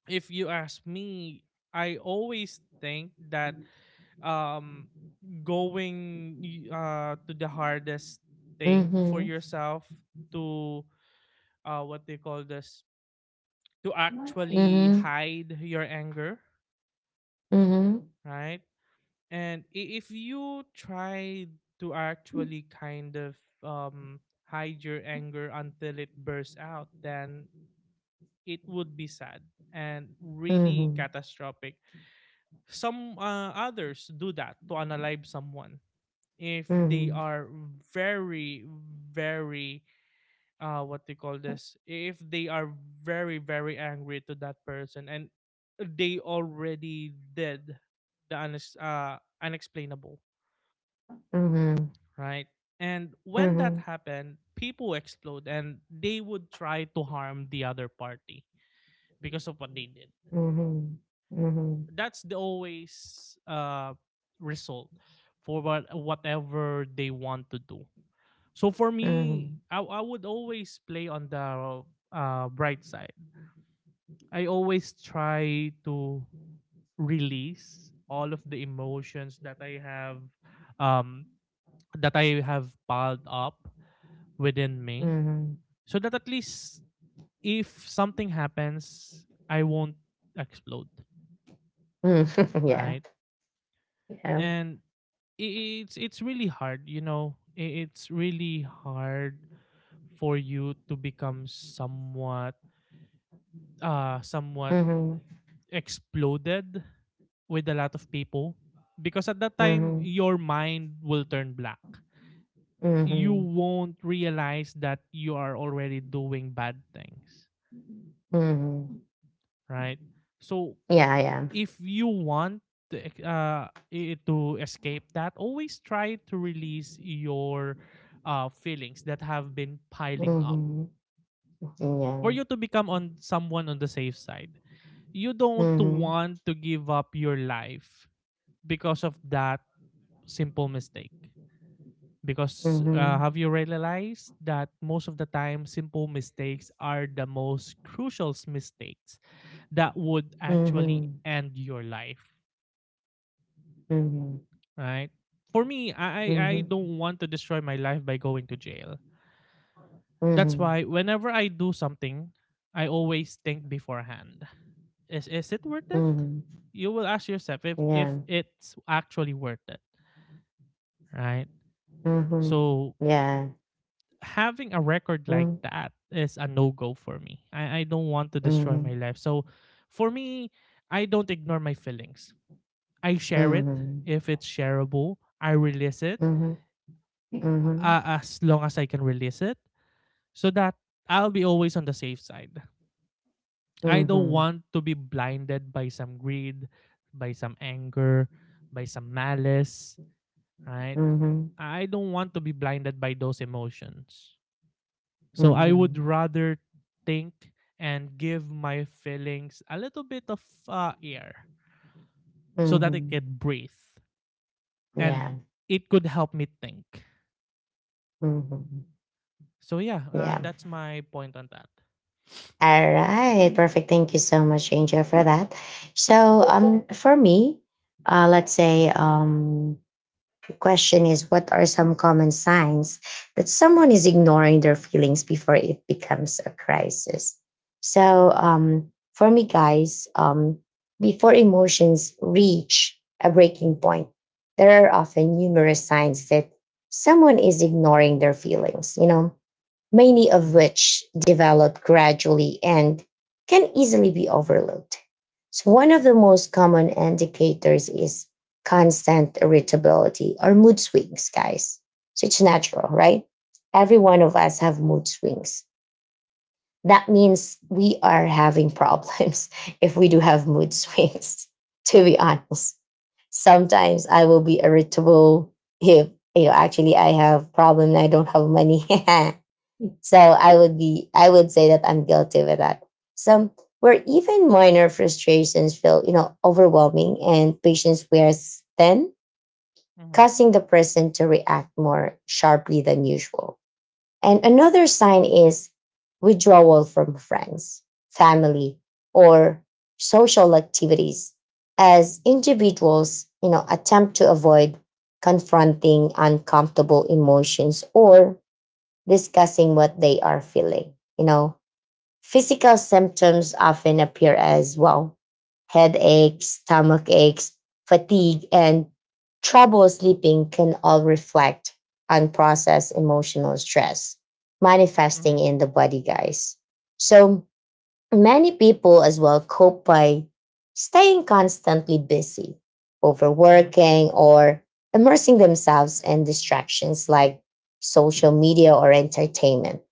[SPEAKER 2] if you ask me, I always think that um going uh to the hardest thing for
[SPEAKER 1] Mhm,
[SPEAKER 2] yourself, to uh what they call this to actually hide your anger,
[SPEAKER 1] mhm, mhm,
[SPEAKER 2] right? And i- if you try to actually kind of um hide your anger until it bursts out, then it would be sad and really
[SPEAKER 1] mhm,
[SPEAKER 2] catastrophic. Some uh, others do that to unalive someone if
[SPEAKER 1] mhm,
[SPEAKER 2] they
[SPEAKER 1] mhm,
[SPEAKER 2] are very, very, uh what they call this if they are very, very angry to that person and they already did the unex- uh, unexplainable, right? And when that
[SPEAKER 1] mhm,
[SPEAKER 2] happened, people explode and they would try to harm the other party because of what they did.
[SPEAKER 1] mhm, mhm,
[SPEAKER 2] That's the always uh result for what, whatever they want to do. So for me,
[SPEAKER 1] mhm.
[SPEAKER 2] I, I would always play on the uh, bright side. I always try to release all of the emotions that I have, um that I have piled up within me, so that at least if something happens I won't explode,
[SPEAKER 1] Mm, yeah.
[SPEAKER 2] right?
[SPEAKER 1] Yeah.
[SPEAKER 2] And i- it's it's really hard you know I- It's really hard for you to become somewhat uh, somewhat
[SPEAKER 1] Mhm,
[SPEAKER 2] exploded with a lot of people, because at that time
[SPEAKER 1] mhm,
[SPEAKER 2] your mind will turn black. You
[SPEAKER 1] mhm,
[SPEAKER 2] won't realize that you are already doing bad things,
[SPEAKER 1] mhm.
[SPEAKER 2] right? So
[SPEAKER 1] Yeah, yeah.
[SPEAKER 2] if you want to, e-, uh, to escape that, always try to release your uh, feelings that have been piling up,
[SPEAKER 1] Mhm.
[SPEAKER 2] for
[SPEAKER 1] Yeah.
[SPEAKER 2] you to become on someone on the safe side. You don't
[SPEAKER 1] Mhm,
[SPEAKER 2] want to give up your life because of that simple mistake. Because uh,
[SPEAKER 1] mhm,
[SPEAKER 2] have you realized that most of the time, simple mistakes are the most crucial s- mistakes that would actually
[SPEAKER 1] mhm,
[SPEAKER 2] end your life,
[SPEAKER 1] mhm,
[SPEAKER 2] right? For me, I, I I don't want to destroy my life by going to jail.
[SPEAKER 1] mhm,
[SPEAKER 2] That's
[SPEAKER 1] mhm,
[SPEAKER 2] why whenever I do something, I always think beforehand. Is is it worth it?
[SPEAKER 1] mhm.
[SPEAKER 2] You will ask yourself if if
[SPEAKER 1] Yeah.
[SPEAKER 2] it's actually worth it, right?
[SPEAKER 1] Mhm.
[SPEAKER 2] So
[SPEAKER 1] Yeah.
[SPEAKER 2] having a record like
[SPEAKER 1] Mm.
[SPEAKER 2] that is a no go for me. I, I don't want to destroy my
[SPEAKER 1] Mhm.
[SPEAKER 2] life. So for me, I don't ignore my feelings. I share it
[SPEAKER 1] Mhm.
[SPEAKER 2] if it's shareable. I release it,
[SPEAKER 1] Mhm. Mhm.
[SPEAKER 2] uh, as long as I can release it, so that I'll be always on the safe side. I don't
[SPEAKER 1] Mhm.
[SPEAKER 2] want to be blinded by some greed, by some anger, by some malice, right?
[SPEAKER 1] Mhm.
[SPEAKER 2] I don't want to be blinded by those emotions. So I would
[SPEAKER 1] Mhm.
[SPEAKER 2] rather think and give my feelings a little bit of uh, air so that it
[SPEAKER 1] Mhm.
[SPEAKER 2] can breathe and
[SPEAKER 1] Yeah.
[SPEAKER 2] it could help me think.
[SPEAKER 1] Mhm.
[SPEAKER 2] So yeah, uh,
[SPEAKER 1] Yeah.
[SPEAKER 2] that's my point on that.
[SPEAKER 1] All right. Perfect. Thank you so much, Angel, for that. So, um, for me, uh, let's say, um, the question is, what are some common signs that someone is ignoring their feelings before it becomes a crisis? So
[SPEAKER 2] Mm-hmm.
[SPEAKER 1] um, for me, guys, um, before emotions reach a breaking point, there are often numerous signs that someone is ignoring their feelings, you know, many of
[SPEAKER 2] Mm-hmm.
[SPEAKER 1] which develop gradually and can easily be overlooked. So one of the most common indicators is constant irritability or mood swings, guys. So it's natural, right? Every one of us have mood swings. That means we are having problems if we do have mood swings, to be honest. Sometimes I will be irritable if, you know, actually I have problem and I don't have money. So I would be, I would say that I'm guilty with that. So where even minor frustrations feel, you know, overwhelming and patience wears thin,
[SPEAKER 2] Mhm,
[SPEAKER 1] causing the person to react more sharply than usual. And another sign is withdrawal from friends, family, or social activities, as individuals, you know, attempt to avoid confronting uncomfortable emotions or discussing what they are feeling. You know, physical symptoms often appear as well: headaches, stomach aches, fatigue, and trouble sleeping can all reflect unprocessed emotional stress
[SPEAKER 2] mhm,
[SPEAKER 1] manifesting in the body, guys. So, many people as well cope by staying constantly busy,
[SPEAKER 2] mhm,
[SPEAKER 1] overworking, or immersing themselves in distractions like social media or entertainment,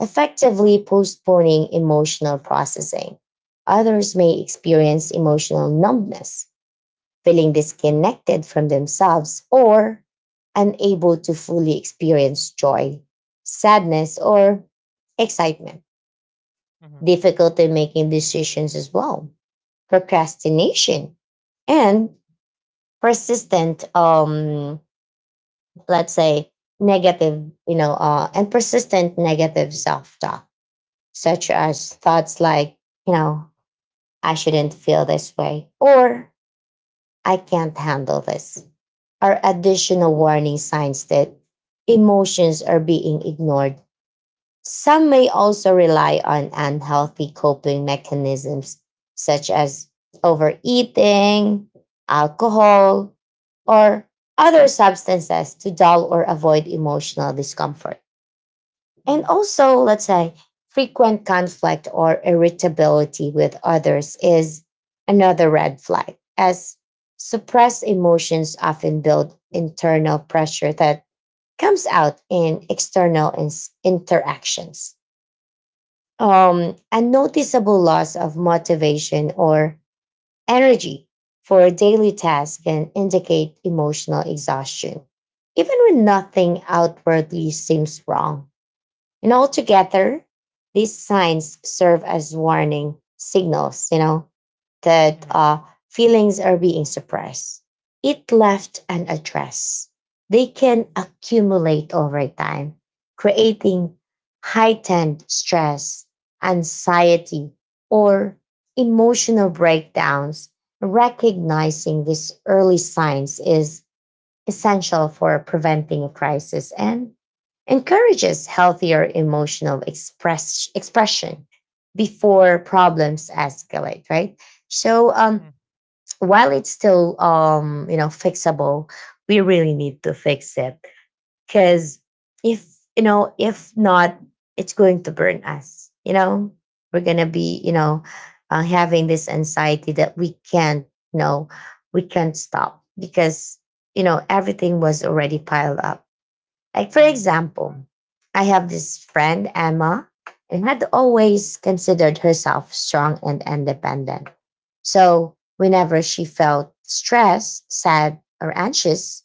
[SPEAKER 1] effectively postponing emotional processing. Others may experience emotional numbness, feeling disconnected from themselves or unable to fully experience joy, sadness, or excitement.
[SPEAKER 2] mhm,
[SPEAKER 1] Difficulty making decisions as well, procrastination, and persistent, um, let's say, negative, you know, uh, and persistent negative self talk, such
[SPEAKER 2] mhm,
[SPEAKER 1] as thoughts like, you know, I shouldn't feel this way, or I can't handle this, are additional warning signs that emotions are being ignored. Some may also rely on unhealthy coping mechanisms such as overeating, alcohol, or other substances to dull or avoid emotional discomfort. And
[SPEAKER 2] mhm,
[SPEAKER 1] also, let's say, frequent conflict or irritability with others is another red flag, as suppressed emotions often build internal pressure that comes out in external ins- interactions. Um, a noticeable loss of motivation or energy for a daily task can indicate emotional exhaustion, even when nothing outwardly seems wrong. And altogether, these signs serve as warning signals, you know, that
[SPEAKER 2] mhm,
[SPEAKER 1] uh, feelings are being suppressed. It left unaddressed. They can accumulate over time, creating heightened stress, anxiety, or emotional breakdowns. Recognizing these early signs is essential for preventing a crisis and encourages healthier emotional express, expression before problems escalate, right? So um
[SPEAKER 2] mhm,
[SPEAKER 1] while it's still, um you know, fixable, we really need to fix it. Because if, you know, if not, it's going to burn us, you know. We're gonna be, you know, uh, having this anxiety that we can't, you know, we can't stop because, you know, everything was already piled up. Like, for
[SPEAKER 2] mhm,
[SPEAKER 1] example, I have this friend, Emma, and had always considered herself strong and independent. So whenever she felt stressed, sad, or anxious,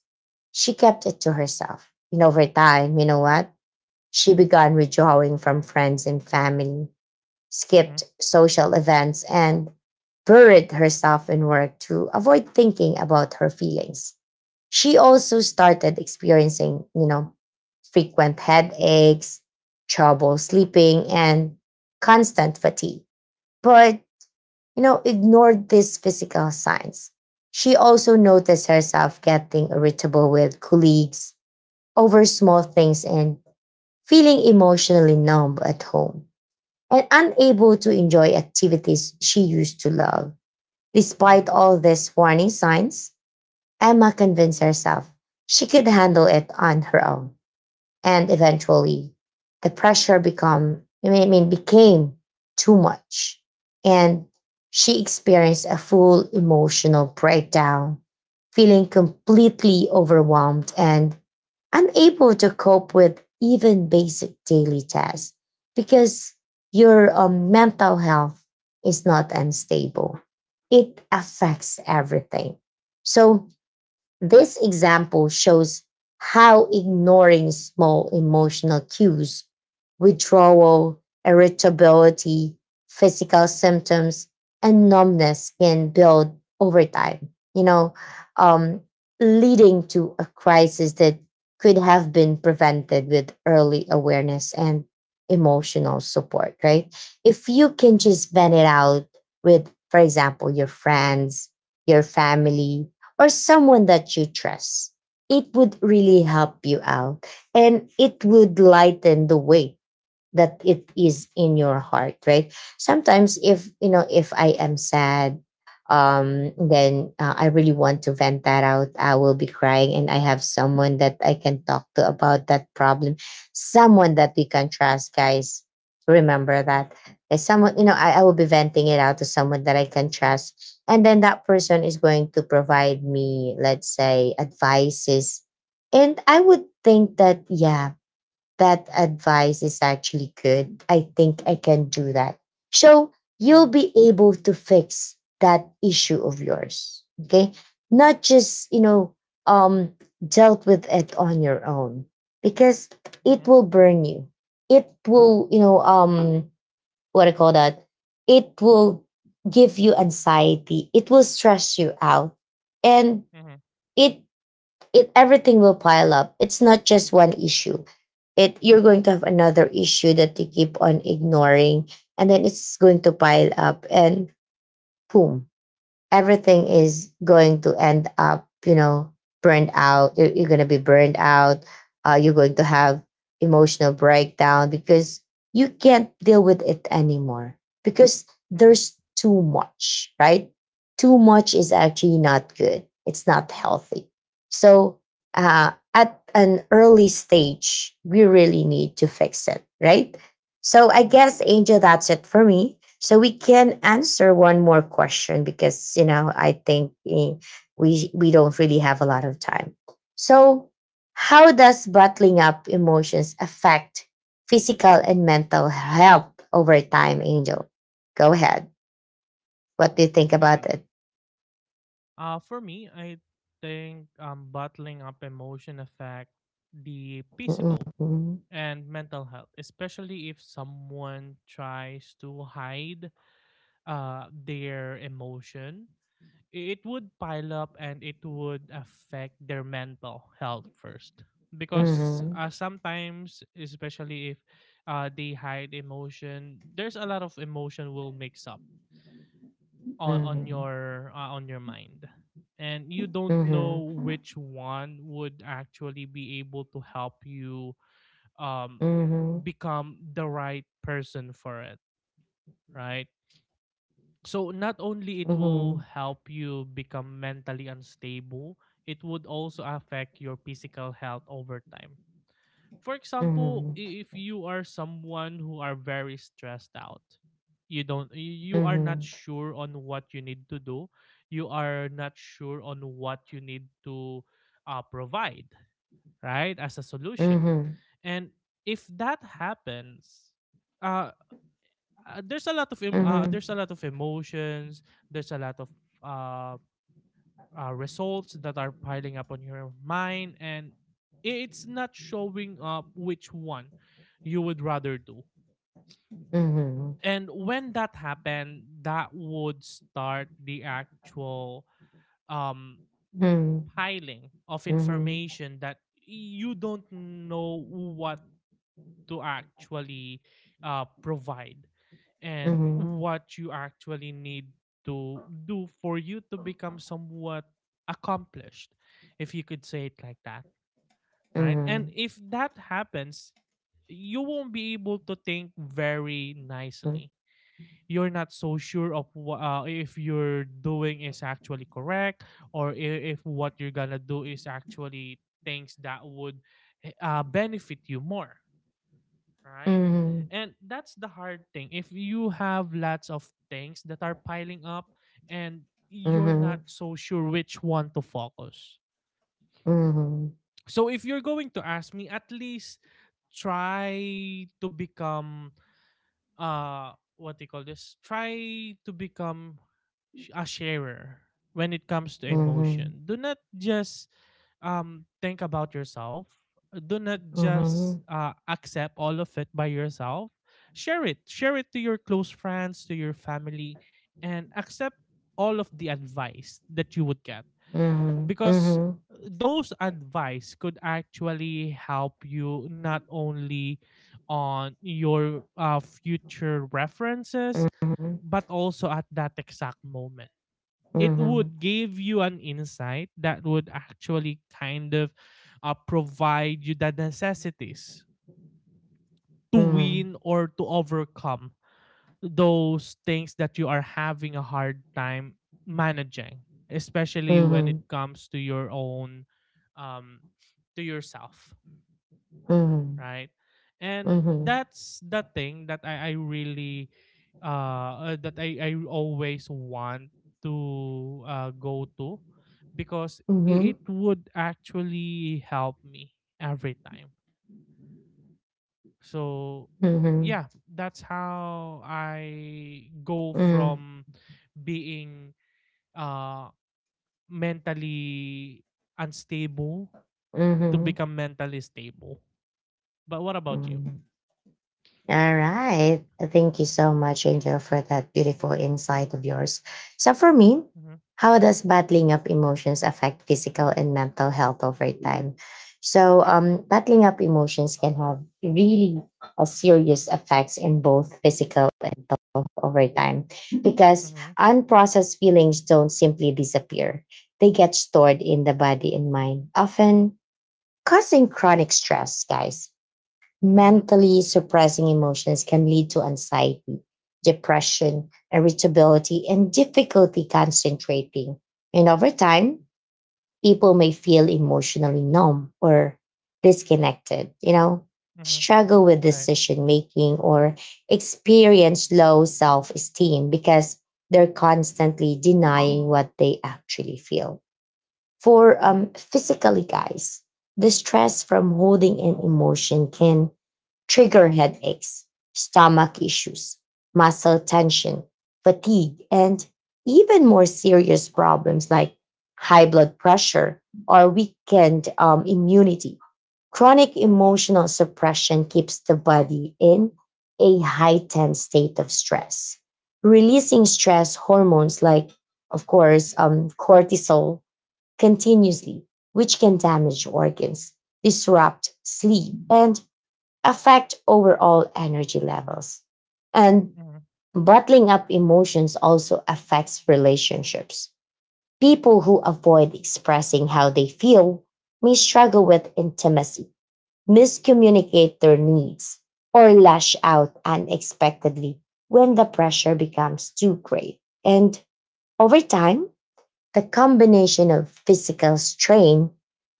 [SPEAKER 1] she kept it to herself. And over time, you know what? She began withdrawing from friends and family,
[SPEAKER 2] mhm, mhm,
[SPEAKER 1] skipped social events, and buried herself in work to avoid thinking about her feelings. She also started experiencing, you know, frequent headaches, trouble sleeping, and constant fatigue. But, you know, ignored these physical signs. She also noticed herself getting irritable with colleagues over small things and feeling emotionally numb at home and unable to enjoy activities she used to love.
[SPEAKER 2] mhm,
[SPEAKER 1] Despite all these warning signs, Emma convinced herself she could handle it on her own. And eventually, the pressure become, I mean, I mean, became too much. And she experienced a full emotional breakdown, feeling completely overwhelmed and unable to cope with even basic daily tasks because your um, mental health is not unstable. It affects everything. So this example shows how ignoring small emotional cues, withdrawal, irritability, physical symptoms, and numbness can build over time, you know, um, leading to a crisis that could have been prevented with early awareness and emotional support, right? If you can
[SPEAKER 2] mhm,
[SPEAKER 1] just vent it out with, for example, your friends, your family, or someone that you trust, it would really help you out and it would lighten the weight that it is in your heart, right? Sometimes if you know if I am sad, um then uh, I really want to vent that out. I will be crying and I have someone that I can talk to about that problem. Someone that we can trust, guys, remember that. There's someone you know I, I will be venting it out to someone that I can trust, and then that person is going to provide me, let's say, advices. And I would think that, yeah, that advice is actually good. I think I can do that. So you'll be able to fix that issue of yours. Okay. Not just, you know, um, dealt with it on your own because
[SPEAKER 2] mhm,
[SPEAKER 1] it will burn you. It will, you know, um, what I call that? It will give you anxiety. It will stress you out. And
[SPEAKER 2] mhm,
[SPEAKER 1] it it everything will pile up. It's not just one issue. It, you're going to have another issue that you keep on ignoring, and then it's going to pile up, and boom, everything is going to end up, you know, burned out. You're, you're going to be burned out. Uh, you're going to have emotional breakdown because you can't deal with it anymore because
[SPEAKER 2] mhm,
[SPEAKER 1] there's too much, right? Too much is actually not good. It's not healthy. So, uh, at an early stage, we really need to fix it, right? So I
[SPEAKER 2] mhm.
[SPEAKER 1] guess, Angel, that's it for me. So we can answer one more question because you know I think eh, we we don't really have a lot of time. So how does bottling up emotions affect physical and mental health over time, Angel? Go ahead. What do you think
[SPEAKER 2] Hmm.
[SPEAKER 1] about it?
[SPEAKER 2] Uh, for me, I think um, bottling up emotion affect the
[SPEAKER 1] Mhm,
[SPEAKER 2] physical and mental health, especially if someone tries to hide uh, their emotion. It would pile up and it would affect their mental health first, because
[SPEAKER 1] mhm,
[SPEAKER 2] uh, sometimes especially if uh, they hide emotion, there's a lot of emotion will mix up on, on
[SPEAKER 1] mhm,
[SPEAKER 2] your uh, on your mind, and you don't
[SPEAKER 1] mhm,
[SPEAKER 2] know which one would actually be able to help you um,
[SPEAKER 1] mhm,
[SPEAKER 2] become the right person for it, right? So not only it will
[SPEAKER 1] mhm,
[SPEAKER 2] help you become mentally unstable, it would also affect your physical health over time. For example,
[SPEAKER 1] mhm,
[SPEAKER 2] i- if you are someone who are very stressed out, you don't y- you are not
[SPEAKER 1] mhm,
[SPEAKER 2] sure on what you need to do, you are not sure on what you need to uh, provide, right? As a solution.
[SPEAKER 1] mhm,
[SPEAKER 2] And if that happens, uh uh, there's a lot of em- uh,
[SPEAKER 1] mhm,
[SPEAKER 2] there's a lot of emotions, there's a lot of uh, uh results that are piling up on your mind, and it's not showing up which one you would rather do.
[SPEAKER 1] mhm,
[SPEAKER 2] And when that happened, that would start the actual um
[SPEAKER 1] mhm.
[SPEAKER 2] piling of
[SPEAKER 1] Mhm,
[SPEAKER 2] information that you don't know what to actually uh, provide and
[SPEAKER 1] mhm,
[SPEAKER 2] what you actually need to do for you to become somewhat accomplished, if you could say it like that, right? And
[SPEAKER 1] mhm,
[SPEAKER 2] if that happens, you won't be able to think very
[SPEAKER 1] mhm,
[SPEAKER 2] nicely. You're not so sure of wha- uh, if you're doing is actually correct, or i- if what you're gonna do is actually things that would eh, uh, benefit you more, right?
[SPEAKER 1] mhm,
[SPEAKER 2] And that's the hard thing. If you have lots of things that are piling up and you're not
[SPEAKER 1] mhm,
[SPEAKER 2] so sure which one to focus.
[SPEAKER 1] mhm,
[SPEAKER 2] So if you're going to ask me, at least try to become uh what do you call this try to become sh- a sharer when it comes to
[SPEAKER 1] mhm, mhm,
[SPEAKER 2] emotion. Do not just um think about yourself, do not just
[SPEAKER 1] mhm,
[SPEAKER 2] uh, accept all of it by yourself. Share it, share it to your close friends, to your family, and accept all of the advice that you would get,
[SPEAKER 1] mhm,
[SPEAKER 2] because
[SPEAKER 1] mhm,
[SPEAKER 2] uh, those advice could actually help you not only on your uh, future references,
[SPEAKER 1] mhm,
[SPEAKER 2] but also at that exact moment. It
[SPEAKER 1] mhm,
[SPEAKER 2] would give you an insight that would actually kind of uh, provide you the necessities to
[SPEAKER 1] mhm,
[SPEAKER 2] win or to overcome those things that you are having a hard time managing, especially when it
[SPEAKER 1] mhm,
[SPEAKER 2] comes to your own um to yourself,
[SPEAKER 1] mhm,
[SPEAKER 2] right? And
[SPEAKER 1] mhm,
[SPEAKER 2] that's the thing that i, I really uh uh, that I, I always want to uh, go to, because i-
[SPEAKER 1] mhm,
[SPEAKER 2] it would actually help me every time. So
[SPEAKER 1] mhm,
[SPEAKER 2] yeah, that's how I go from being, uh, mentally unstable to
[SPEAKER 1] mhm.
[SPEAKER 2] become mentally stable. But what about you?
[SPEAKER 1] Mhm. All right. Thank you so much, Angel, for that beautiful insight of yours. So, for me,
[SPEAKER 2] Mhm.
[SPEAKER 1] how does battling up emotions affect physical and mental health over time? So, um, battling up emotions can have really a serious effects in both physical and mental health over time because
[SPEAKER 2] Mhm,
[SPEAKER 1] unprocessed feelings don't simply disappear. They get stored in the body and mind, often causing chronic stress, guys.
[SPEAKER 2] mhm,
[SPEAKER 1] Mentally suppressing emotions can lead to anxiety, depression, irritability, and difficulty concentrating. And over time, people may feel emotionally numb or disconnected, you know,
[SPEAKER 2] mhm.
[SPEAKER 1] struggle with
[SPEAKER 2] Right.
[SPEAKER 1] decision making or experience low self esteem because they're constantly denying what they actually feel. For
[SPEAKER 2] Mhm,
[SPEAKER 1] um, physically, guys, the stress from holding an emotion can trigger headaches, stomach issues, muscle tension, fatigue, and even more serious problems like high blood pressure or weakened um, immunity. Chronic emotional suppression keeps the body in a heightened state of stress, releasing stress hormones like, of course, um, cortisol continuously, which can damage organs, disrupt sleep, and affect overall energy levels. And
[SPEAKER 2] mhm,
[SPEAKER 1] bottling up emotions also affects relationships. People who avoid expressing how they feel may struggle with intimacy, miscommunicate their needs, or lash out unexpectedly when the pressure becomes too great. And over time, the combination of physical strain,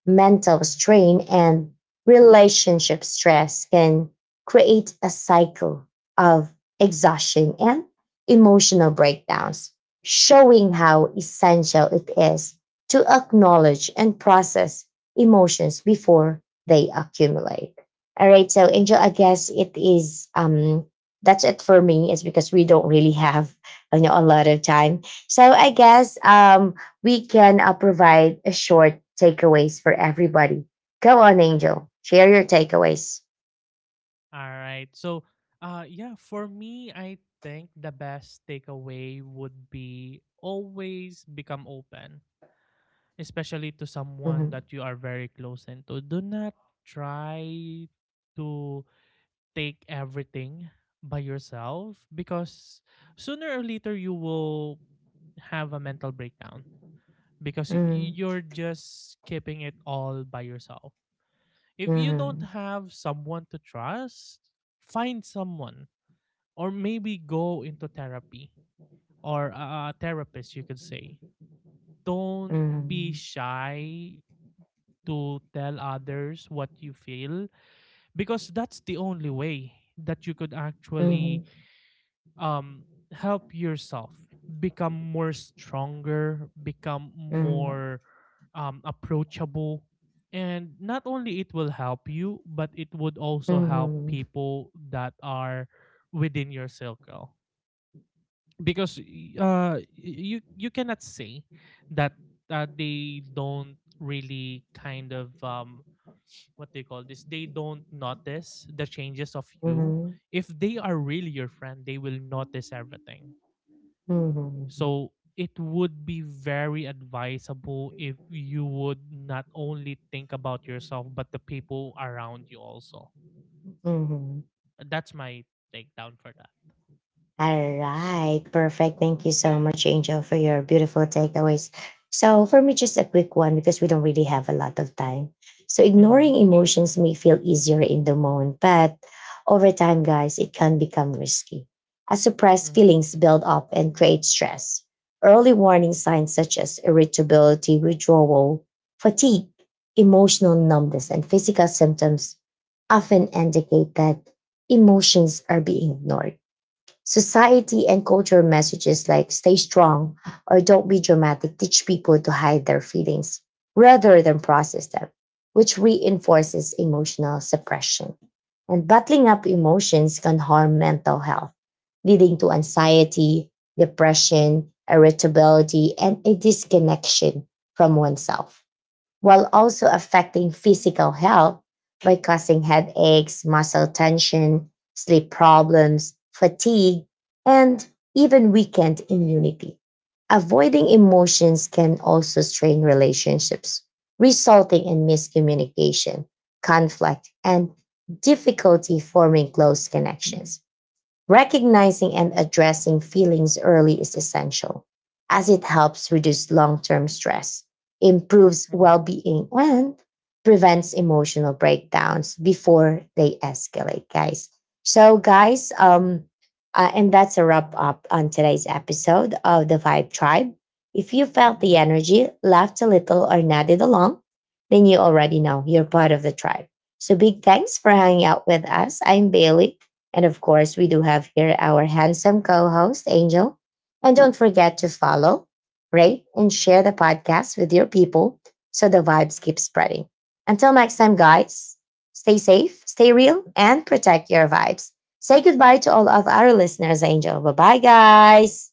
[SPEAKER 1] mental
[SPEAKER 2] mhm,
[SPEAKER 1] strain, and relationship stress can create a cycle of exhaustion and emotional breakdowns, showing how essential it is to acknowledge and process emotions before they accumulate. All right, so
[SPEAKER 2] mhm,
[SPEAKER 1] Angel, I guess it is um that's it for me. It's because we don't really have, you know, a lot of time. So I guess um we can uh, provide a short takeaways for everybody. Go on, Angel.
[SPEAKER 2] mhm.
[SPEAKER 1] Share your takeaways.
[SPEAKER 2] All right. So, uh, yeah, for me, I think the best takeaway would be always become open, especially to someone
[SPEAKER 1] Mhm,
[SPEAKER 2] that you are very close into. Do not try to take everything by yourself, because sooner or later you will have a mental breakdown because y-
[SPEAKER 1] mhm,
[SPEAKER 2] you're just keeping it all by yourself. If you don't
[SPEAKER 1] mhm,
[SPEAKER 2] have someone to trust, find someone, or maybe go into therapy, or a a therapist you could say. Don't be
[SPEAKER 1] mhm,
[SPEAKER 2] shy to tell others what you feel, because that's the only way that you could actually
[SPEAKER 1] mhm,
[SPEAKER 2] um help yourself become more stronger, become
[SPEAKER 1] mhm,
[SPEAKER 2] more um approachable. And not only it will help you, but it would also help
[SPEAKER 1] mhm,
[SPEAKER 2] people that are within your circle, because uh you you cannot say that uh, they don't really kind of um what they call this they don't notice the changes of you.
[SPEAKER 1] mhm,
[SPEAKER 2] If they are really your friend, they will notice everything.
[SPEAKER 1] mhm,
[SPEAKER 2] So it would be very advisable if you would not only think about yourself, but the people around you also.
[SPEAKER 1] mhm.
[SPEAKER 2] That's my takedown for that.
[SPEAKER 1] All right, perfect. Thank you so much, Angel, for your beautiful takeaways. So, for me, just a quick one because we don't really have a lot of time. So,
[SPEAKER 2] Mhm,
[SPEAKER 1] ignoring emotions may feel easier in the moment, but over time, guys, it can become risky. As suppressed
[SPEAKER 2] mhm,
[SPEAKER 1] feelings build up and create stress, early warning signs such as irritability, withdrawal, fatigue, emotional numbness, and physical symptoms often indicate that emotions are being ignored. Society and culture messages like stay strong or don't be dramatic teach people to hide their feelings rather than process them, which reinforces emotional suppression. And bottling up emotions can harm mental health, leading to
[SPEAKER 2] mhm,
[SPEAKER 1] anxiety, depression, irritability, and a disconnection from oneself, while also affecting physical health by causing headaches, muscle tension, sleep problems, fatigue, and even weakened immunity. Avoiding emotions can also strain relationships, resulting in miscommunication, conflict, and difficulty forming close connections. Recognizing and addressing feelings early is essential, as it helps reduce long term stress, improves
[SPEAKER 2] mhm,
[SPEAKER 1] well being, and prevents emotional breakdowns before they escalate, guys. So, guys, um, uh, and that's a wrap up on today's episode of the Vibe Tribe. If you felt the
[SPEAKER 2] mhm.
[SPEAKER 1] energy, laughed a little, or nodded along, then you already know you're part of the tribe. So, big thanks for hanging out with us. I'm Bailey. And of course, we do have here our handsome co host, Angel. And don't forget to follow, rate, and share the podcast with your people so the vibes keep spreading. Until next time, guys, stay safe, stay real, and protect your vibes. Say goodbye to all of our listeners, Angel. Bye bye, guys.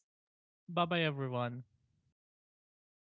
[SPEAKER 2] Bye bye, everyone.